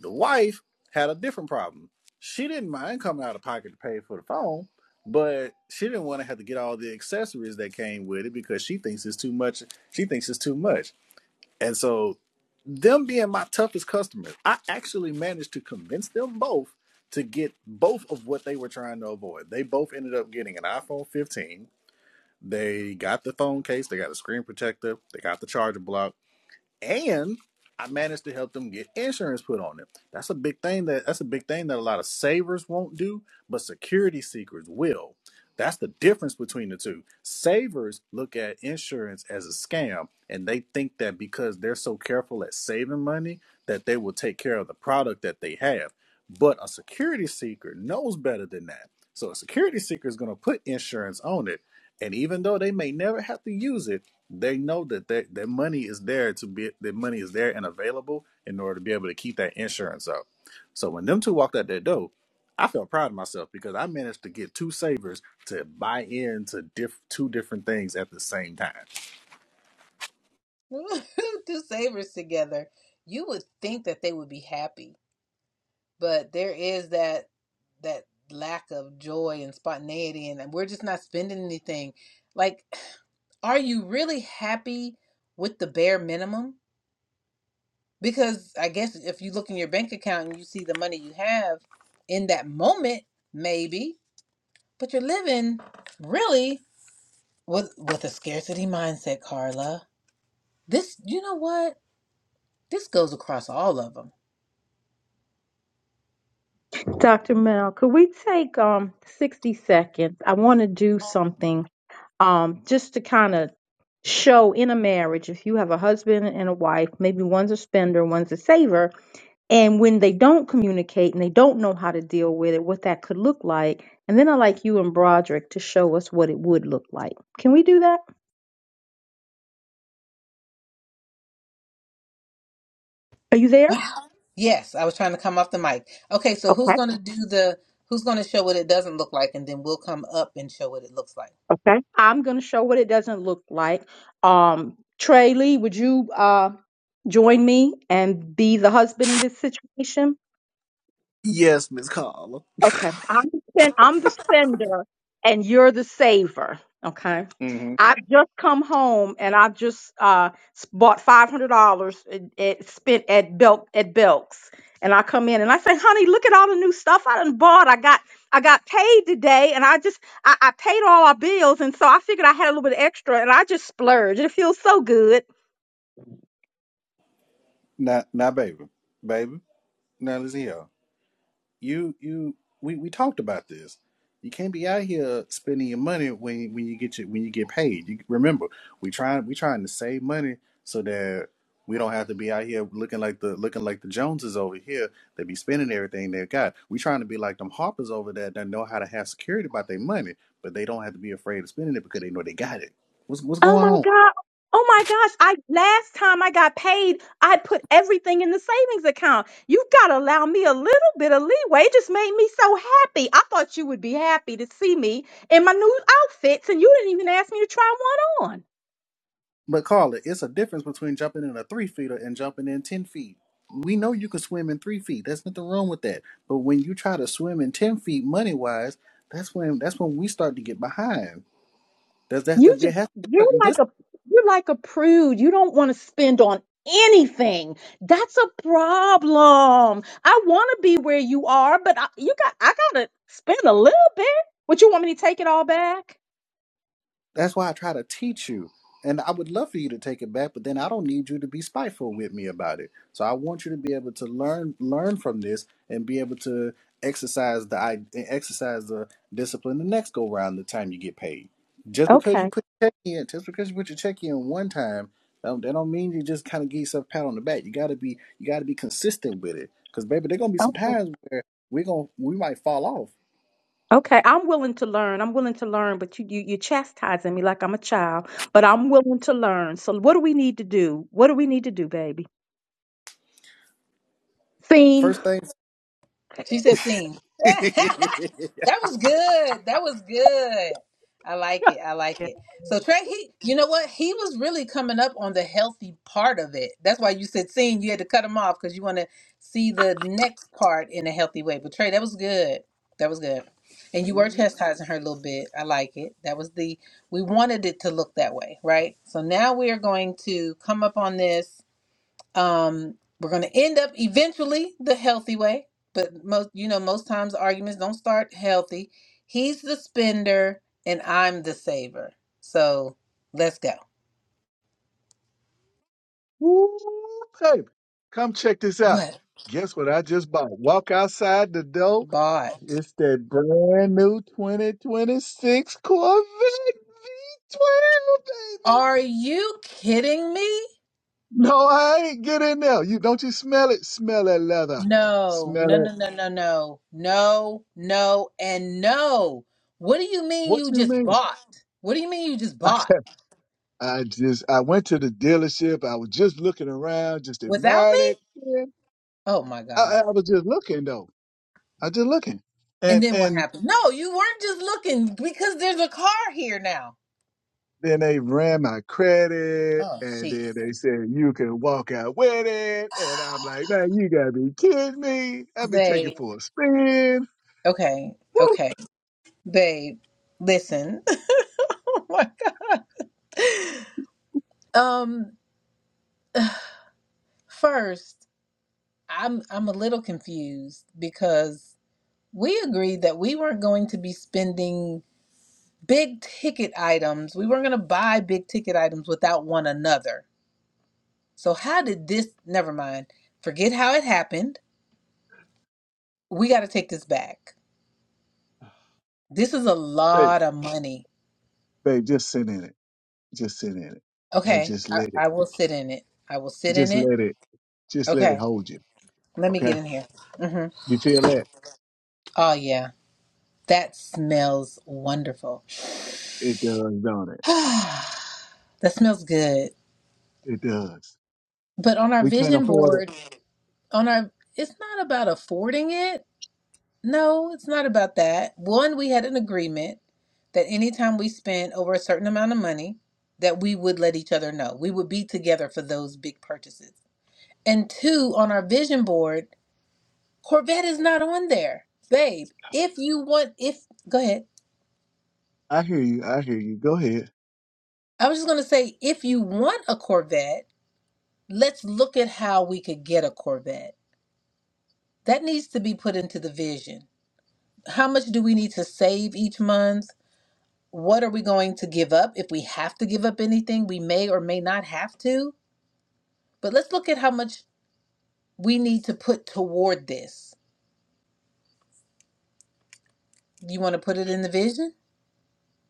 L: The wife had a different problem. She didn't mind coming out of pocket to pay for the phone, but she didn't want to have to get all the accessories that came with it because she thinks it's too much. She thinks it's too much and so, them being my toughest customers, I actually managed to convince them both to get both of what they were trying to avoid. They both ended up getting an iPhone 15. They got the phone case, they got a screen protector, they got the charger block, and I managed to help them get insurance put on them. That's a big thing that that's a big thing that a lot of savers won't do, but security seekers will. That's the difference between the two. Savers look at insurance as a scam and they think that because they're so careful at saving money that they will take care of the product that they have. But a security seeker knows better than that. So a security seeker is going to put insurance on it. And even though they may never have to use it, they know that that, that money is there to be that money is there and available in order to be able to keep that insurance up. So when them two walked out that door, I felt proud of myself because I managed to get two savers to buy into diff- two different things at the same time.
A: two savers together. You would think that they would be happy, but there is that that lack of joy and spontaneity, and we're just not spending anything. Like, are you really happy with the bare minimum? Because I guess if you look in your bank account and you see the money you have in that moment, maybe, but you're living really with with a scarcity mindset, Carla. This, you know what? This goes across all of them
F: Dr. Mel, could we take um 60 seconds? I want to do something um, just to kind of show in a marriage if you have a husband and a wife, maybe one's a spender, one's a saver, and when they don't communicate and they don't know how to deal with it, what that could look like. And then I like you and Broderick to show us what it would look like. Can we do that? Are you there?
A: Wow. Yes, I was trying to come off the mic. Okay, so who's
F: Okay.
A: going to do the, who's going to show what it doesn't look like, and then we'll come up and show what it looks like.
F: Okay. I'm going to show what it doesn't look like. Um, Trey Lee, would you uh, join me and be the husband in this situation?
L: Yes, Miss Carla.
F: Okay. I'm the, sen- I'm the sender and you're the saver. Okay.
L: Mm-hmm.
F: I've just come home and I've just uh, s- bought $500 and and spent at Belk at Belk's. And I come in and I say, honey, look at all the new stuff I done bought. I got I got paid today and I just I, I paid all our bills and so I figured I had a little bit extra and I just splurged. It feels so good.
L: Now, now, baby, baby, now listen here. you you we, we talked about this. You can't be out here spending your money when when you get your, when you get paid. You remember we trying we trying to save money so that we don't have to be out here looking like the looking like the Joneses over here. They be spending everything they got. We trying to be like them Harpers over there that know how to have security about their money, but they don't have to be afraid of spending it because they know they got it. What's what's
F: Oh
L: going
F: my
L: on?
F: God. Oh my gosh. I last time I got paid, I put everything in the savings account. You gotta allow me a little bit of leeway. It just made me so happy. I thought you would be happy to see me in my new outfits, and you didn't even ask me to try one on.
L: But Carla, it's a difference between jumping in a three feeder and jumping in ten feet. We know you can swim in three feet. There's nothing wrong with that. But when you try to swim in ten feet, money wise, that's when that's when we start to get behind. That's that that
F: You
L: has to be
F: just
L: a
F: you're
L: certain
F: like a you're like a prude. You don't want to spend on anything. That's a problem. I want to be where you are, but I, you got I gotta spend a little bit. Would you want me to take it all back?
L: That's why I try to teach you. And I would love for you to take it back, but then I don't need you to be spiteful with me about it. So I want you to be able to learn learn from this and be able to exercise the i- exercise the discipline the next go round the time you get paid. Just because you put your check in, just because you put your check in one time, um, that don't mean you just kind of give yourself a pat on the back. You gotta be you gotta be consistent with it, because baby, there gonna be some
F: Okay,
L: times where we gonna we might fall off.
F: Okay, I'm willing to learn. I'm willing to learn, but you, you you're chastising me like I'm a child. But I'm willing to learn. So what do we need to do? What do we need to do, baby? Scene.
L: First thing.
A: She said sing. that was good. That was good. I like it. I like it. So Trey, he you know what? He was really coming up on the healthy part of it. That's why you said sing. You had to cut him off because you want to see the next part in a healthy way. But Trey, that was good. That was good. And you were chastising her a little bit. I like it. That was the we wanted it to look that way, right? So now we are going to come up on this um, we're going to end up eventually the healthy way, but most you know most times arguments don't start healthy. He's the spender and I'm the saver. So let's go.
B: Woo, baby. Come check this out.
A: What
B: Guess what I just bought? Walk outside the door.
A: bought?
B: It's that brand new 2026 Corvette V12, baby.
A: Are you kidding me?
B: No, I ain't. Get in there. You don't you smell it? Smell that leather.
A: No,
B: Smell
A: no,
B: it.
A: no, no, no, no, no, no, and no. What do you mean
B: What
A: you
B: you
A: just
B: mean?
A: bought? What do you mean you just bought
B: I just I went to the dealership. I was just looking around, just
A: without
B: admiring
A: me?
B: it. And
A: Oh my
B: I, I
A: God.
B: was just looking though. I just looking.
A: And
B: And
A: then what
B: and
A: happened? No, you weren't just looking because there's a car here now.
B: Then they ran my credit,
A: Oh,
B: and then
A: jeez.
B: they said you can walk out with it. And I'm like, man, you gotta be kidding me! I'll be taking
A: Babe.
B: for a spin.
A: Okay.
B: Woo!
A: Okay. Babe, listen. oh my God. Um, first, I'm I'm a little confused because we agreed that we weren't going to be spending big ticket items. We weren't going to buy big ticket items without one another. So how did this never mind. Forget how it happened. We got to take this back. This is a
B: Babe,
A: lot of money.
B: babe, just sit in it, just sit in it, and
A: Okay,
B: just
A: I,
B: let it.
A: I will sit in it. I will sit in
B: Just
A: it.
B: let it, just let it
A: Okay,
B: hold you.
A: let me
B: Okay,
A: get in here. hmm
B: you feel that?
A: Oh, yeah, that smells wonderful.
B: It does, don't it?
A: that smells good.
B: It does.
A: But on our
B: We can't
A: vision
B: afford it.
A: board, on our, it's not about affording it. No, it's not about that. One, we had an agreement that anytime we spent over a certain amount of money, that we would let each other know. We would be together for those big purchases. And two, on our vision board, Corvette is not on there. Babe, if you want, if, go ahead.
B: I hear you. I hear you. Go ahead.
A: I was just going to say, if you want a Corvette, let's look at how we could get a Corvette. That needs to be put into the vision. How much do we need to save each month? What are we going to give up? If we have to give up anything, we may or may not have to. But let's look at how much we need to put toward this. You want to put it in the vision?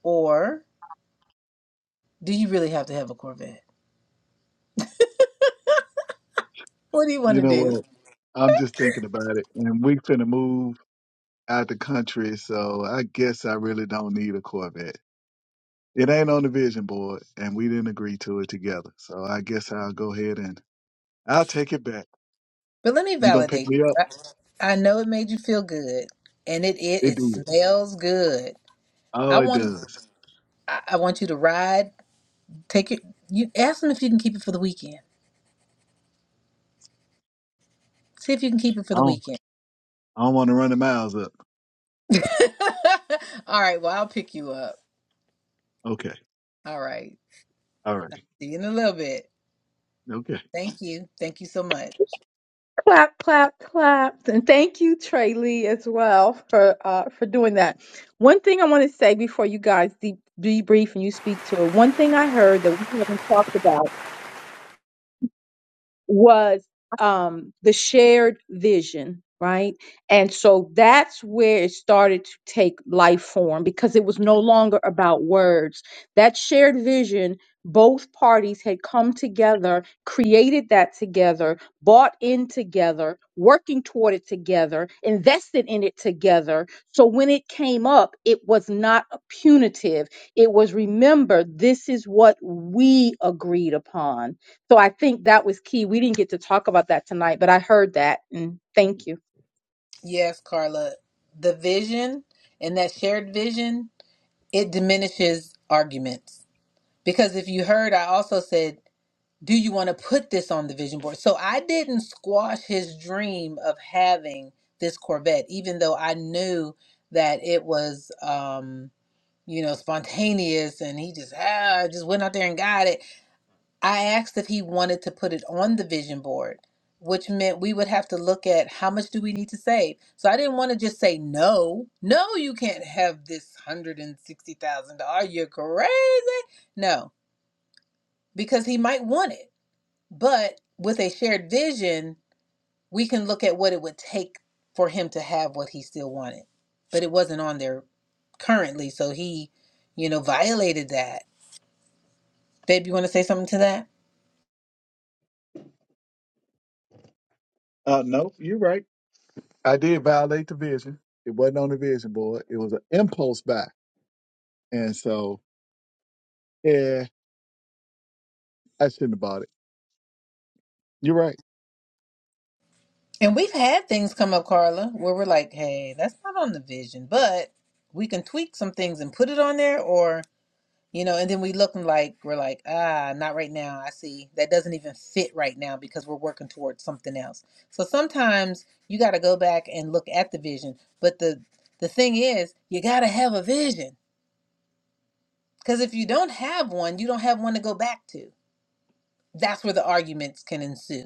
A: Or do you really have to have a Corvette? What do you want
B: You
A: to
B: know
A: do?
B: what? I'm just thinking about it, and we finna move out the country, so I guess I really don't need a Corvette. It ain't on the vision board, and we didn't agree to it together. So I guess I'll go ahead and I'll take it back.
A: But let me
B: You gonna pick me
A: validate.
B: up?
A: I know it made you feel good, and it it,
B: It
A: it
B: did.
A: smells good.
B: Oh,
A: I
B: it
A: want
B: does.
A: I, I want you to ride. Take it. You ask them if you can keep it for the weekend. See if you can keep it for
B: I
A: the
B: don't.
A: weekend.
B: I don't want to run the miles up.
A: All right. Well, I'll pick you up.
B: Okay.
A: All right.
B: All right.
A: See you in a little bit.
B: Okay.
A: Thank you. Thank you so much.
F: clap, clap, clap. And thank you, Trey Lee, as well for uh, for doing that. One thing I want to say before you guys deep, debrief and you speak to it. One thing I heard that we haven't talked about. was um, the shared vision, right? And so that's where it started to take life form because it was no longer about words. That shared vision, both parties had come together, created that together, bought in together, working toward it together, invested in it together. So when it came up, it was not punitive. It was remember, this is what we agreed upon so I think that was key. We didn't get to talk about that tonight, but I heard that and thank you.
A: Yes, Carla. The vision and that shared vision it diminishes arguments because if you heard, I also said do you want to put this on the vision board? So I didn't squash his dream of having this Corvette, even though I knew that it was, um, you know, spontaneous and he just, ah, just went out there and got it. I asked if he wanted to put it on the vision board, which meant we would have to look at how much do we need to save. So I didn't want to just say, no, no, you can't have this $160,000. You're crazy. No, because he might want it. But with a shared vision, we can look at what it would take for him to have what he still wanted. But it wasn't on there currently, so he, you know, violated that. Babe, you want to say something to that?
B: Uh, no, you're right. I did violate the vision. It wasn't on the vision board. It was an impulse buy, and so yeah, I shouldn't have bought it. You're right.
A: And we've had things come up, Carla, where we're like, hey, that's not on the vision, but we can tweak some things and put it on there, or You know, and then we look and like we're like, ah, not right now. I see. That doesn't even fit right now because we're working towards something else. So sometimes you got to go back and look at the vision. But the the thing is, you got to have a vision because if you don't have one, you don't have one to go back to. That's where the arguments can ensue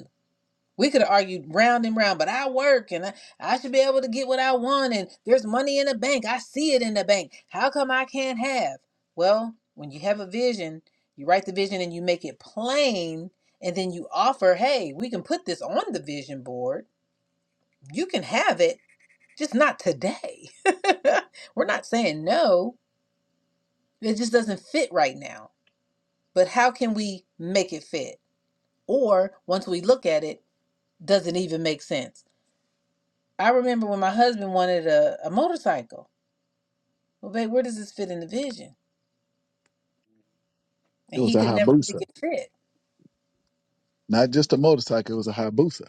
A: we could have argued round and round, but I work and I, I should be able to get what I want. And there's money in the bank. I see it in the bank. How come I can't have? Well, when you have a vision, you write the vision and you make it plain. And then you offer, hey, we can put this on the vision board. You can have it, just not today. We're not saying no. It just doesn't fit right now. But how can we make it fit? Or once we look at it, does it even make sense? I remember when my husband wanted a, a motorcycle. Well, babe, where does this fit in the vision?
B: It
A: And
B: was
A: he
B: a
A: could never make
B: Hayabusa,
A: it fit.
B: not just a motorcycle. It was a Hayabusa.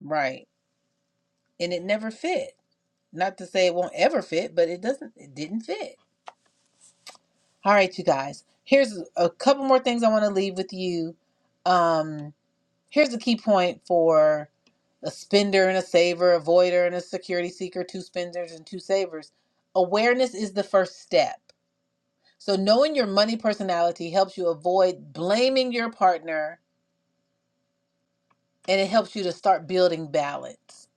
A: Right. And it never fit. Not to say it won't ever fit, but it doesn't, it didn't fit. All right, you guys. Here's a couple more things I want to leave with you. Um, here's the key point for a spender and a saver, a voider and a security seeker, two spenders and two savers. Awareness is the first step. So knowing your money personality helps you avoid blaming your partner and it helps you to start building balance.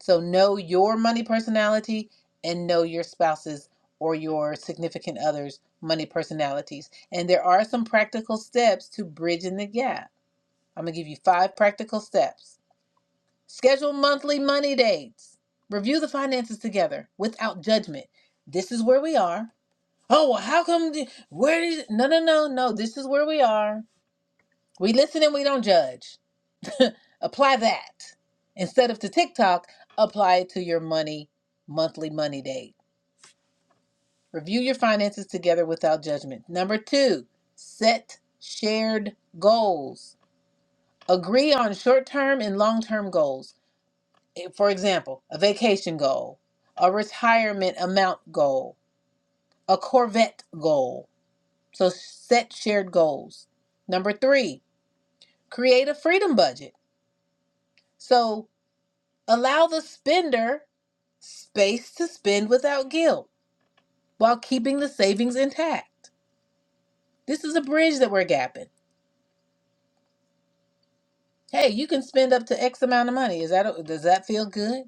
A: So know your money personality and know your spouse's or your significant other's money personalities. And there are some practical steps to bridging the gap. I'm going to give you five practical steps. Schedule monthly money dates. Review the finances together without judgment. This is where we are. Oh, well, how come? The, where is? No, no, no, no. This is where we are. We listen and we don't judge. Apply that. Instead of to TikTok, apply it to your money, monthly money date. Review your finances together without judgment. Number two, set shared goals. Agree on short term and long term goals. Eh, For example, a vacation goal, a retirement amount goal, a Corvette goal. So set shared goals. Number three, create a freedom budget. So allow the spender space to spend without guilt while keeping the savings intact. This is a bridge that we're gapping. Hey, you can spend up to X amount of money. Is that does that feel good?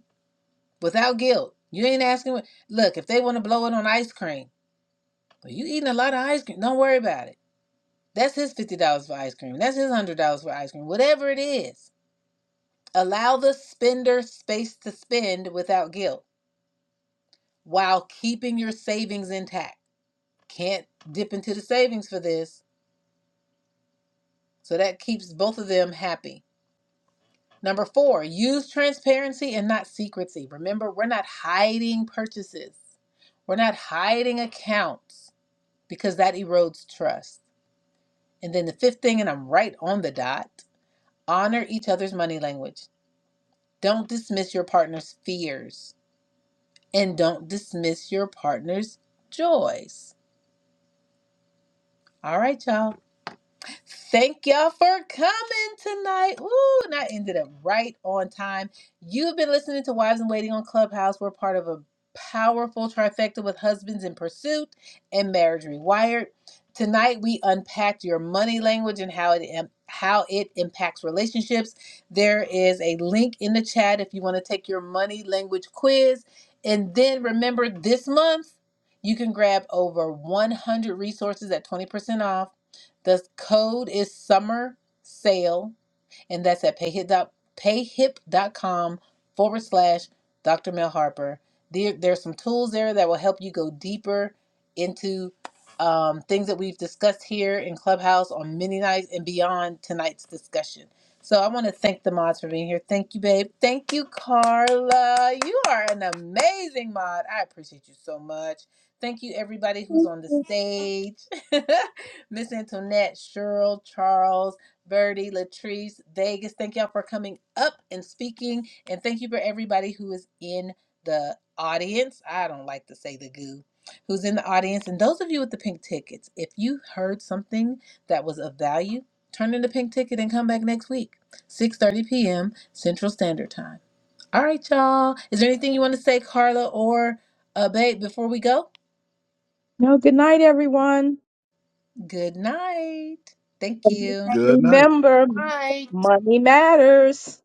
A: Without guilt. You ain't asking what look, if they want to blow it on ice cream, well, you eating a lot of ice cream. Don't worry about it. That's his fifty dollars for ice cream. That's his one hundred dollars for ice cream. Whatever it is. Allow the spender space to spend without guilt while keeping your savings intact. Can't dip into the savings for this So that keeps both of them happy. Number four, use transparency and not secrecy. Remember, we're not hiding purchases, we're not hiding accounts because that erodes trust. And then the fifth thing, and I'm right on the dot honor each other's money language. Don't dismiss your partner's fears and don't dismiss your partner's joys. All right, y'all. Thank y'all for coming tonight. Ooh, and I ended up right on time. You've been listening to Wives in Waiting on Clubhouse. We're part of a powerful trifecta with Husbands in Pursuit and Marriage Rewired. Tonight we unpacked your money language and how it im- how it impacts relationships. There is a link in the chat if you want to take your money language quiz. And then remember this month you can grab over 100 resources at 20% off the code is summer sale and that's at payhip dot payhip dot com forward slash Dr. Mel Harper. There, there's some tools there that will help you go deeper into um, things that we've discussed here in Clubhouse on many nights and beyond tonight's discussion. So I want to thank the mods for being here. Thank you, babe. Thank you, Carla. You are an amazing mod. I appreciate you so much. Thank you, everybody who's on the stage. Miss Antoinette, Cheryl, Charles. Birdie, Latrice, Vegas. Thank y'all for coming up and speaking. And thank you for everybody who is in the audience. I don't like to say the goo. Who's in the audience. And those of you with the pink tickets, if you heard something that was of value, turn in the pink ticket and come back next week, 6.30 p.m. Central Standard Time. All right, y'all. Is there anything you want to say, Carla or uh, Babe, before we go?
F: No, good night, everyone.
A: Good night. Thank you.
B: Good night.
F: Remember,
D: All right.
F: money matters.